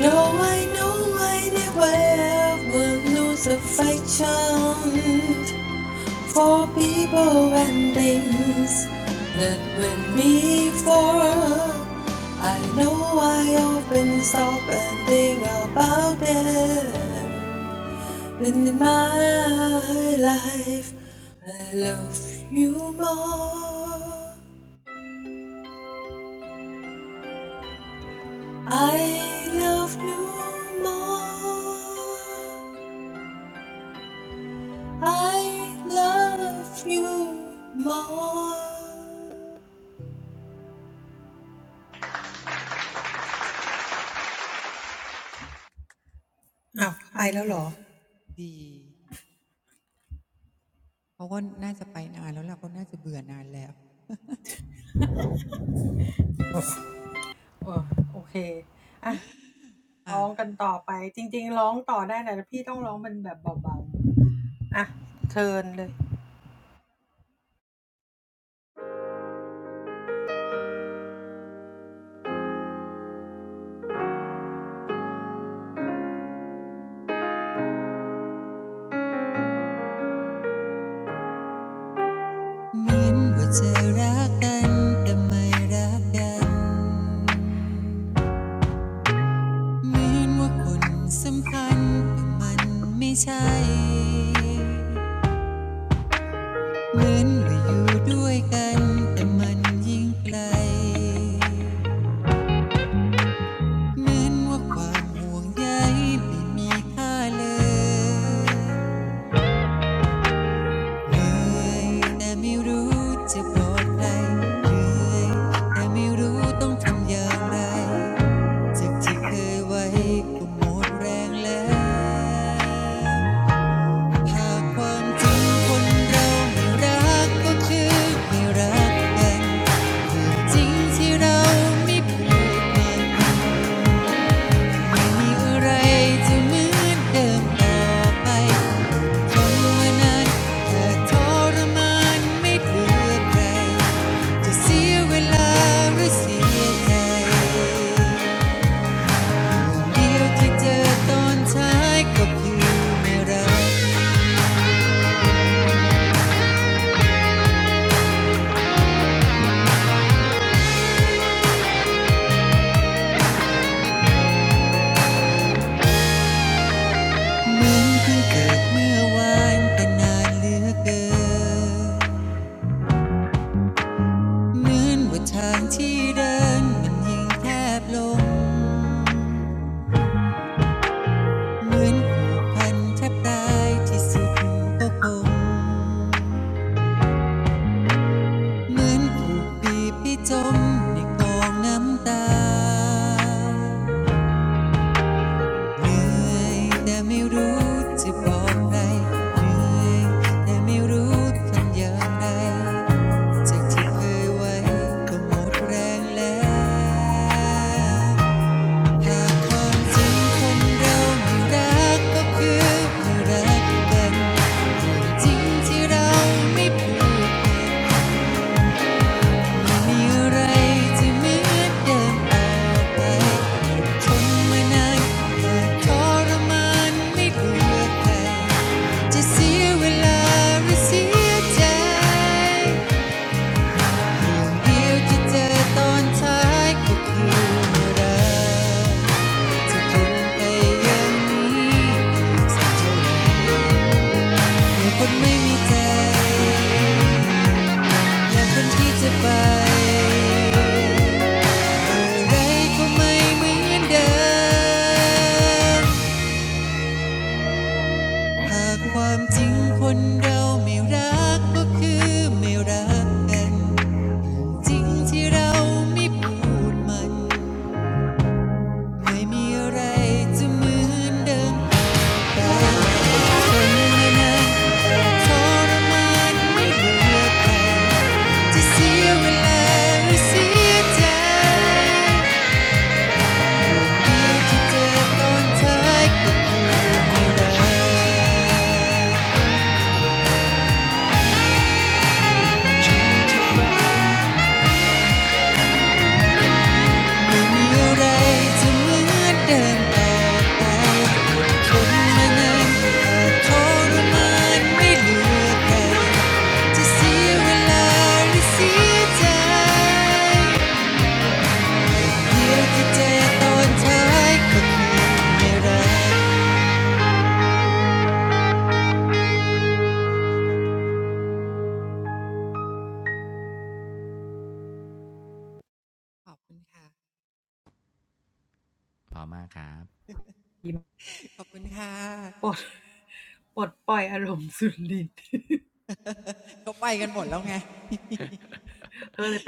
A: Though I know I never ever lose affection, for people and things that went me for. I know I often stop and think about them. And in my life, I love you more. I love you more. I love you more. อ้าวไปแล้วเหรอ
C: ดีเขาก็น่าจะไปนานแล้วล่ะเขาน่าจะเบื่อนานแล้ว
A: เออโอเคอะร้องกันต่อไปจริงๆร้องต่อได้นะแต่พี่ต้องร้องเป็นแบบเบาๆอะเชิญเลย
C: เหมือนว่าจะรักกันแต่ไม่รักกันเหมือนว่าคนสำคัญแต่มันไม่ใช่ เหมือนว่าอยู่ด้วยกันแต่มันยิ่งไกลเหมือนว่าความห่วงใยไม่มีค่าเลยเหนื่อยแต่ไม่รู้จะบอกใครเหนื่อยแต่ไม่รู้ต้องทำอย่างไรจากที่เคยไว้ก็หมดแรงแล้วหากความจริงคนเราไม่รักก็คือไม่รักกัน จริงที่เราไม่เปยนปไม่มีอะไรจะเหมือนเดิมต่อไปทนวัน้นแต่ทรมานไม่เหลือใครจะเสียเวลาหรือเสียใจเดียวที่เจอตอนท้ายก็คือไม่รักเหมือนเพิ่งเกิดเมื่อวานแต่นานเหลือเกิน เหมือนว่าทางที่เดินมันยิ่งแคบลง เหมือนผูกพันแทบตายที่สุดก็คงเหมือนถูกบีบให้จมในกองน้ำตาเหนื่อยแต่ไม่รู้จะบอกใครเหนื่อยแต่ไม่รู้ทำอย่างไร จากที่เคยไว้ก็หมดแรงแล้ว หากความจริงคนเราไม่รักก็คือม่รักกัน จริงที่เราไม่พูดมมีอะไรที่เหมือนเดิมเอาไปนทนไมานานเยอทรมานไม่เลือกใครจะเสียเวลาหรือเสียใจเดียวที่เจอตอนท้ายก็คือรัก จะทนไปอย่างนี้สักเท่าไรมอคนไม่มีใจและคนที่จะไป อะไรก็ไม่เหมือนเดิม หากความจริงคนเราไม่รักก็คือไม่รักกัน จริงที่เราไม่พูดมัน ไม่มีอะไรจะเหมือนเดิม เดี๋ยวจะเจอตอนท้ายก็คือไม่รัก ขอบคุณค่ะ
E: พอมากครับ
C: ขอบคุณค่ะก็ไปกันหมดแล้วไง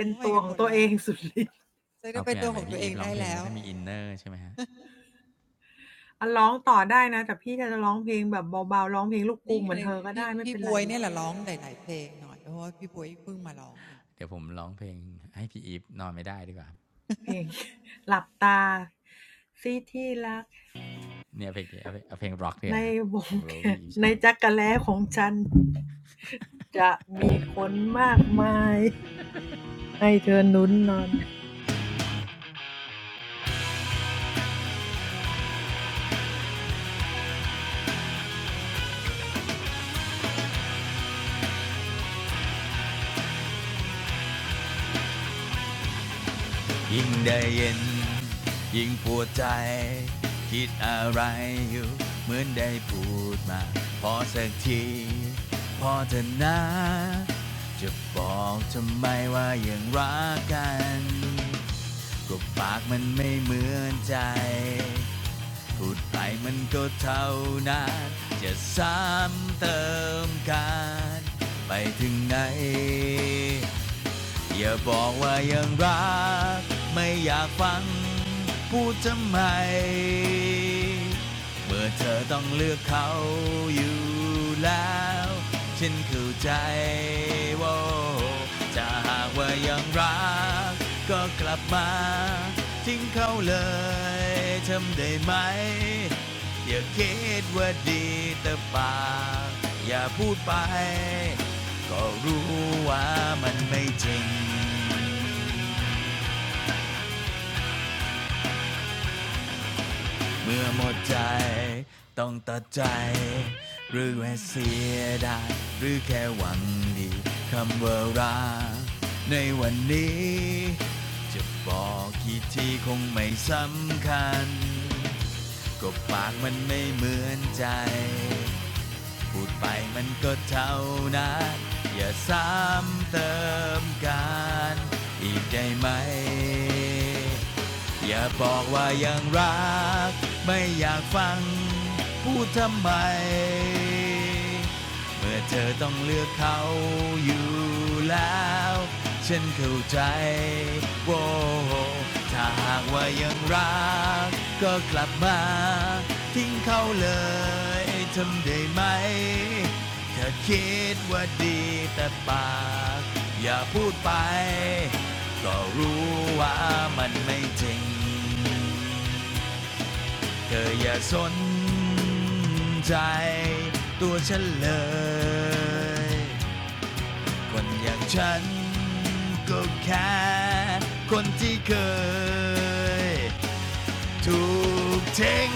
C: ก็ไปกันหมดแล้วจะได้
E: เอา
C: ไป
E: เปล่า
C: ตั
E: น
C: ว
E: ไห
C: ข
E: ม่
C: องตั
E: พี่
C: วเอ
E: อีฟ
C: ง
E: ร้อ
C: ได้
E: งเพลงม
C: แล้
E: ก็
C: ว
E: ต้องมีอินเนอร์ใช่ไหมฮะ
A: อะร้องต่อได้นะแต่พี่ก็จะร้องเพลงแบบเบาๆ
C: นี่ไงพี่
A: ร้องเพลงลูกกรุงเหมือนเธอก็ได้
C: พี่บวย
A: ไม่เป็นไร
C: เนี่ยแหละร้องหลายๆเพลงหน่อยเพราะว่าพี่บวยเพิ่งมาร้องเอง
E: เดี๋ยวผมร้องเพลงให้พี่อีฟนอนไม่ได้ดีกว่า
A: เพลง <laughs> หลับตาสิที่รัก
E: เนี่ยเพลงนี้เอาเพลงเอาเพลงร็อกเนี่ยฮะผม
A: ในวง
E: รู้ว่า
A: แขน
E: พี่อีฟชอบ
A: ในจั๊กแล้ของฉันจะมีคนมากมายให้เธอหนุนนอน
E: ยิ่งได้เย็นยิ่งปวดใจคิดอะไรอยู่เหมือนได้พูดมาพอสักทีพอเถอะนะจะบอกทำไมว่ายังรักกันก็ปากมันไม่เหมือนใจ พูดไปมันก็เท่านั้น จะซ้ำเติมกันไปถึงไหน อย่าบอกว่ายังรักไม่อยากฟังพูดทำไม เมื่อเธอต้องเลือกเขาอยู่แล้วฉันเข้าใจว่าจะหากว่ายังรักก็กลับมาทิ้งเขาเลยทำได้ไหมอย่าคิดว่าดีแต่ปากอย่าพูดไป ก็รู้ว่ามันไม่จริง เมื่อหมดใจต้องตัดใจหรือแค่เสียดายหรือแค่หวังดีคำว่ารักในวันนี้จะบอกกี่ทีคงไม่สำคัญก็ปากมันไม่เหมือนใจ พูดไปมันก็เท่านั้นอย่าซ้ำเติมกันอีกได้ไหมอย่าบอกว่ายังรักไม่อยากฟังพูดทำไม เมื่อเธอต้องเลือกเขาอยู่แล้วฉันเข้าใจโว้ถ้าหากว่ายังรักก็กลับมาทิ้งเขาเลยทำได้ไหมเธอคิดว่าดีแต่ปากอย่าพูดไปก็รู้ว่ามันไม่จริง เธออย่าสนใจตัวฉันเลย คนอย่างฉันก็แค่คนที่เคยถูกทิ้ง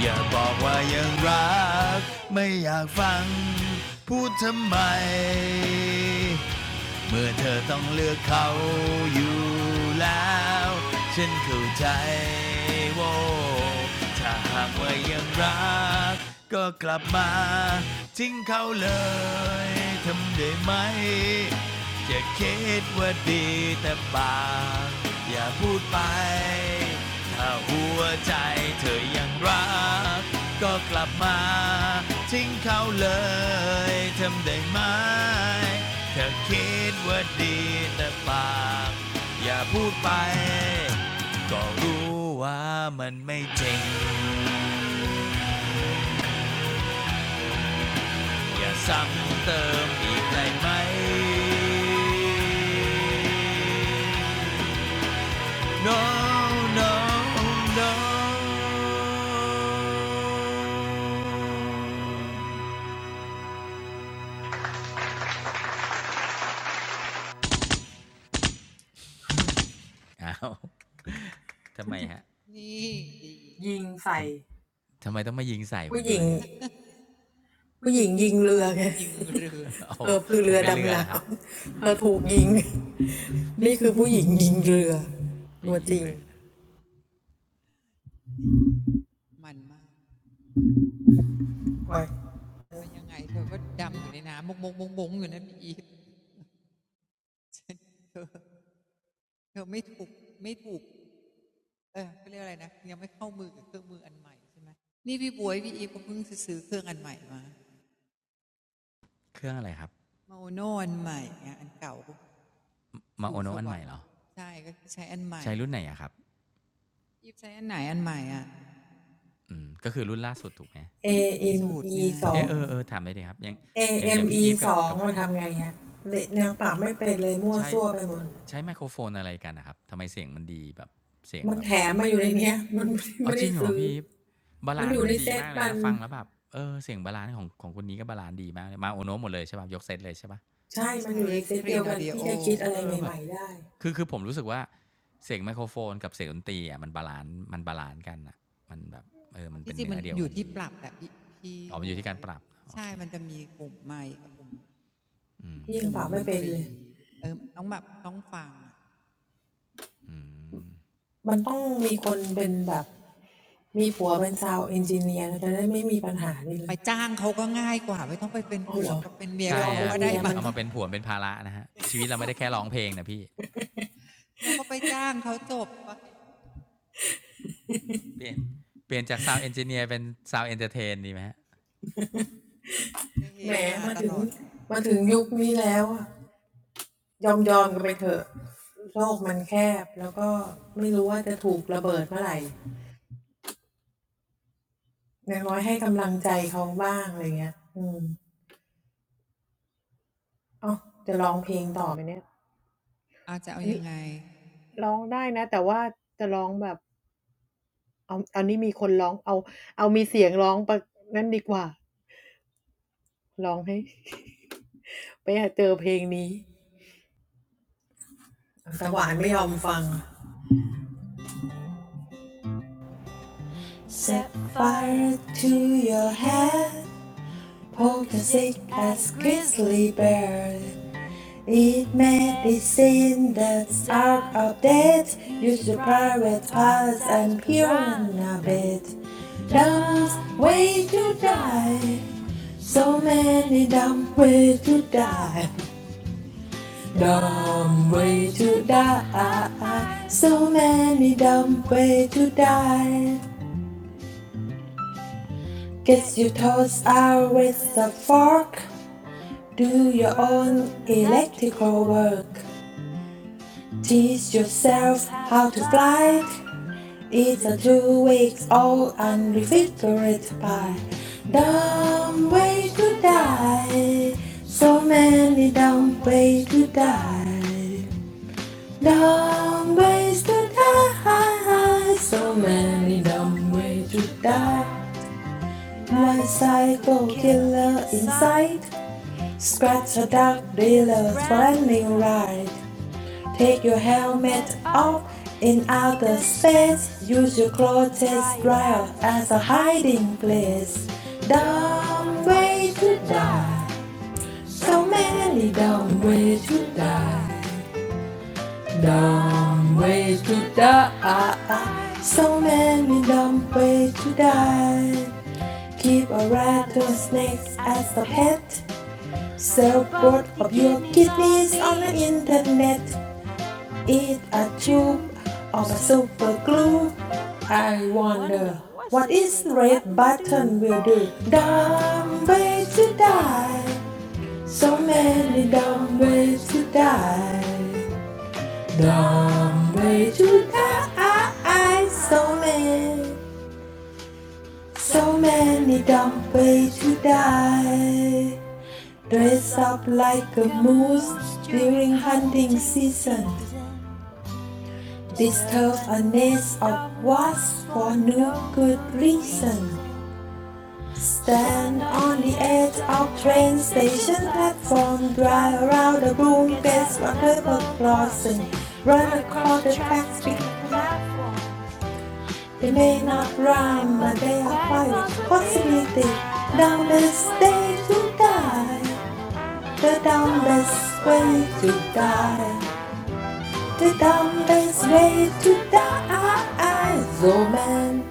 E: อย่าบอกว่ายังรักไม่อยากฟังพูดทำไม เมื่อเธอต้องเลือกเขาอยู่แล้วฉันเข้าใจโว้ถ้าหากว่ายังรักก็กลับมาทิ้งเขาเลยทำได้ไหม จะคิดว่าดีแต่ปากอย่าพูดไปถ้าหัวใจเธอยังรักก็กลับมาทิ้งเขาเลยทำได้ไหมเธอคิดว่าดีแต่ปากอย่าพูดไปก็รู้ว่ามันไม่จริงอย่าซ้ำเติมอีกได้ไหม No, no, no. อ้าวทำไมฮะ
C: นี่ดี
E: ทำทำ
C: ดี
E: ไมต้องมายิงใส่ผมด้วยฮะ
A: ผู้หญิงผู้หญิงยิงเรือไง
C: ยิงเรือ
E: <laughs> โอ้ผมเป็นเรือเหรอฮะ
A: เธอคือเรือดำน้ำเธอถูกยิง นี่คือผู้หญิงยิงเรือ
E: ผู้หญิงยิงเรือ
A: ตัวจริง
E: นะ
C: ดีมันมากเอายังไงเธอก็ดำอยู่ในน้ำมงมงมงมงอยู่นะพี่นอีฟเธอเธอไม่ถูกไม่ถูกเออเขาเรียกอะไรนะยังไม่เข้ามือกับเครื่องมืออันใหม่ใช่ไหมนี่พี่บวยพี่อีฟก็เพิ่งซื้อเครื่องอันใหม่มา
E: เครื่องอะไรครับ
C: เมาโน่อันใหม่อะอันเก่า
E: มา
C: สู่
E: โอ
C: ส
E: โนะอัน
C: ว
E: ให
C: ร
E: ม่
C: ร
E: เห
C: ค์
E: รอ
C: ใช่ก็ใช้อันใหม่
E: ใช้รุ่นไหนอะครับ
C: ยิบใช้อันไหนอันใหม่อ่ะ
E: อืมก็คือรุ่นล่าสุดถูกไหม
C: ผ้าสูตร
A: AME
C: ไง
E: เออเออเอ
A: สอง
E: อถามได้ดยครับอย่างอย่างอย่างพี่
A: AME
E: อีฟกับกับใช้
A: สองมันทำไงฮะเละนางปราบไม่เป็นเลยมั่วซั่วไปหมด
E: ใช้ไมโครโฟนอะไรกันนะครับทำไมเสียงมันดีแบบเสียงแบบ
A: มันแถมมาอยู่ในเนี้ย
E: อ๋อจริงเหรอพี่อีฟ
A: มันไม่ได้ซื้อ
E: บาลานซ์มันดีมากเลยนะฟังแล้วแบบเออเสียงบาลานซ์ของของคนนี้ก็บาลานซ์ดีมากเลยมาโอโนหมดเลยใช่ป่ะยกเซตเลยใช่ป่ะ
C: นี่ใช้ครีนออดิโอ
E: เออแบบคือคือผมรู้สึกว่าเสียงไมโครโฟนกับเสียงดนตรีอ่ะมันบาลานซ์มันบาลานซ์กันอ่ะมันแบบเออ
C: อ๋อ
E: มัน
C: ที่
E: เป็น
C: จริง
E: เนื้อ
C: มัน
E: เดียว
C: อยู่
E: กัน
C: ที่
E: ดี
C: ป
E: อะ
C: รับแตพี่พี่
E: อ๋อ
C: บ
E: มันอยู่
C: ว
E: ที่
C: ย
E: การปรับโอ
C: ใช่
E: เค
C: มันจะมีปุ่มใหม่กับปุ่ม
E: อื
C: กับปุ่มด
E: ม
C: นตรีเออต้องแบบต้องฟัง
E: อืม
C: ไปจ้างเขาก็ง่ายกว่าไม่ต้องไปเป็นผัวก็เป็นเมีย
E: ใช่
C: กับเขา
E: อ่ะ
C: ก็ได้
E: พี่อีฟ
C: มั้ง
E: เอามาเป็นผวนเป็นภาระนะฮะชีวิตเราไม่ได้แค่ร้องเพลงนะพี่
C: เราก็ไปจ้างเขาจบปะ
E: เปลี่ยนเปลี่ยนจากซาวเอนจิเนียร์เป็นซาวเอนเตอร์เทนดีไหมฮะ
C: จะเฮฮาตลอดอาจจะเอายังไง
A: ยอมยอมกันไปเถอะโลกมันแคบแล้วก็ไม่รู้ว่าจะถูกระเบิดเมื่อไหร่อย่างน้อยให้กำลังใจเขาบ้างอะไรเงี้ยอืมอ๋อจะร้องเพลงต่อไหมเนี่ยอันนี้ร้องได้นะแต่ว่าจะร้องแบบเอาอันนี้มีคนร้องเอาเอามีเสียงร้องประนั่นดีกว่าร้องให้ไปหาเจอเพลงนี้สวรรค์ไม่ยอมฟัง Set fire to your hair, poking sick as grizzly bear. It may be seen that Ark of Death used to private parts and purine a bit. Dumb way to die, so many dumb way to die. Dumb way to die, so many dumb way to die. Guess you toss out with a fork. Do your own electrical work. Teach yourself how to fly. It's a two weeks old and refrigerated pie. Dumb way to die. So many dumb ways to die. Dumb ways to die. So many dumb ways to die. My psycho killer inside. Scratch a dark dealer for a new ride. Take your helmet off in outer space. Use your clothes drive as a hiding place. Dumb way to die. So many dumb ways to die. Dumb ways to die. So many dumb ways to die. Keep a rattlesnake as a pet. Sell both of your kidneys on the internet. Eat a tube of super glue. I wonder what this red button will do. Dumb ways to die. So many dumb ways to die. Dumb ways to die. So many, so many dumb ways to die. Dress up like a moose during hunting season. Disturb a nest of wasps for no good reason. Stand on the edge of train station platform, drive around the room, guess what river crossing. Run across the tracks, big they may not rhyme, but they are quite a possibility. Down the day to die, the dumbest way to die, the dumbest way to die. Zoman.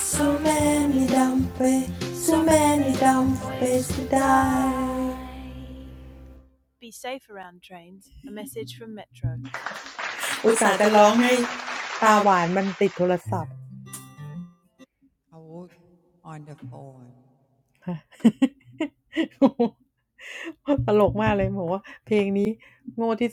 A: So many dumb ways, so many dumb ways to die อุตส่าห์จะร้องให้ตาหวานมันติดโทรศัพท์
C: เขา on the phone
A: <laughs> <laughs> ตลกมากเลยบอกว่าเพลงนี้โง่ที่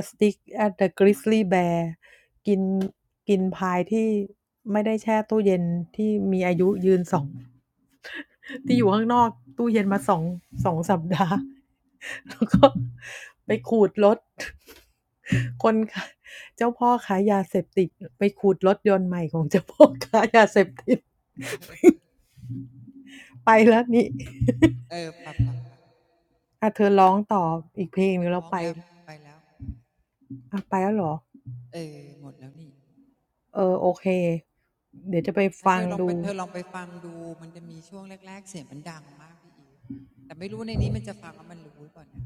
A: a stick at the grizzly bear กินกินพายที่ไม่ได้แช่ตู้เย็นที่มีอายุยืนสองที่อยู่ข้างนอกตู้เย็นมาสองสองสัปดาห์. แล้วก็
C: เออปับปับปับไม่ร้องแล้วไปแล้วเออหมดแล้วนี่ถ้าเธอลองไปเธอลองไปฟังดูมันจะมีช่วงแรกๆเสียงมันดังมากพี่อีแต่ไม่รู้ในนี้มันจะฟังว่ามันรู้ก่อเ่นะ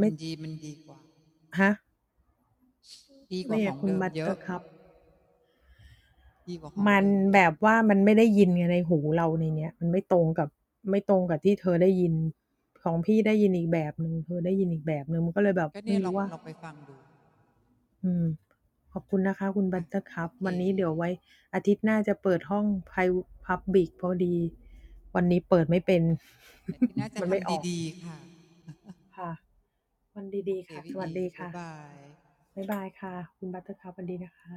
C: มันดีมันดีกว่าดีกว่าของเดิมเยอะดีกว่าของเดิมเยอะ
A: มันแบบว่ามันไม่ได้ยินไงในหูเราในเนี้ยมันไม่ตรงกับไม่ตรงกับที่เธอได้ยินของพี่ได้ยินอีกแบบหนึ่งเธอได้ยินอีกแบบหนึ่ง
C: ก็เนี่ยลอง
A: มันก็เลยแบบไม่รู้ว่า
C: ลองไปฟังดู
A: อืม
C: อ่ะโอ
A: ขอบคุณนะคะคุณบัตเตอร์คัพ
C: เค
A: วันนี้เดี๋ยวไว้อาทิตย์หน้าจะเปิดห้อง Pri- Public พอดีวันนี้เปิดไม่เป็น
C: แต่ที่น่า
A: <laughs>
C: จะทำดี
A: มันไม่ออกค่ะ
C: ๆค่ะโอเค
A: วันดีๆค่ะ
C: พี่อีบ๊าย
A: สวัสดีค่ะ
C: บาย
A: บ๊ายบายค่ะคุณบัตเตอร์คัพวันดีนะคะ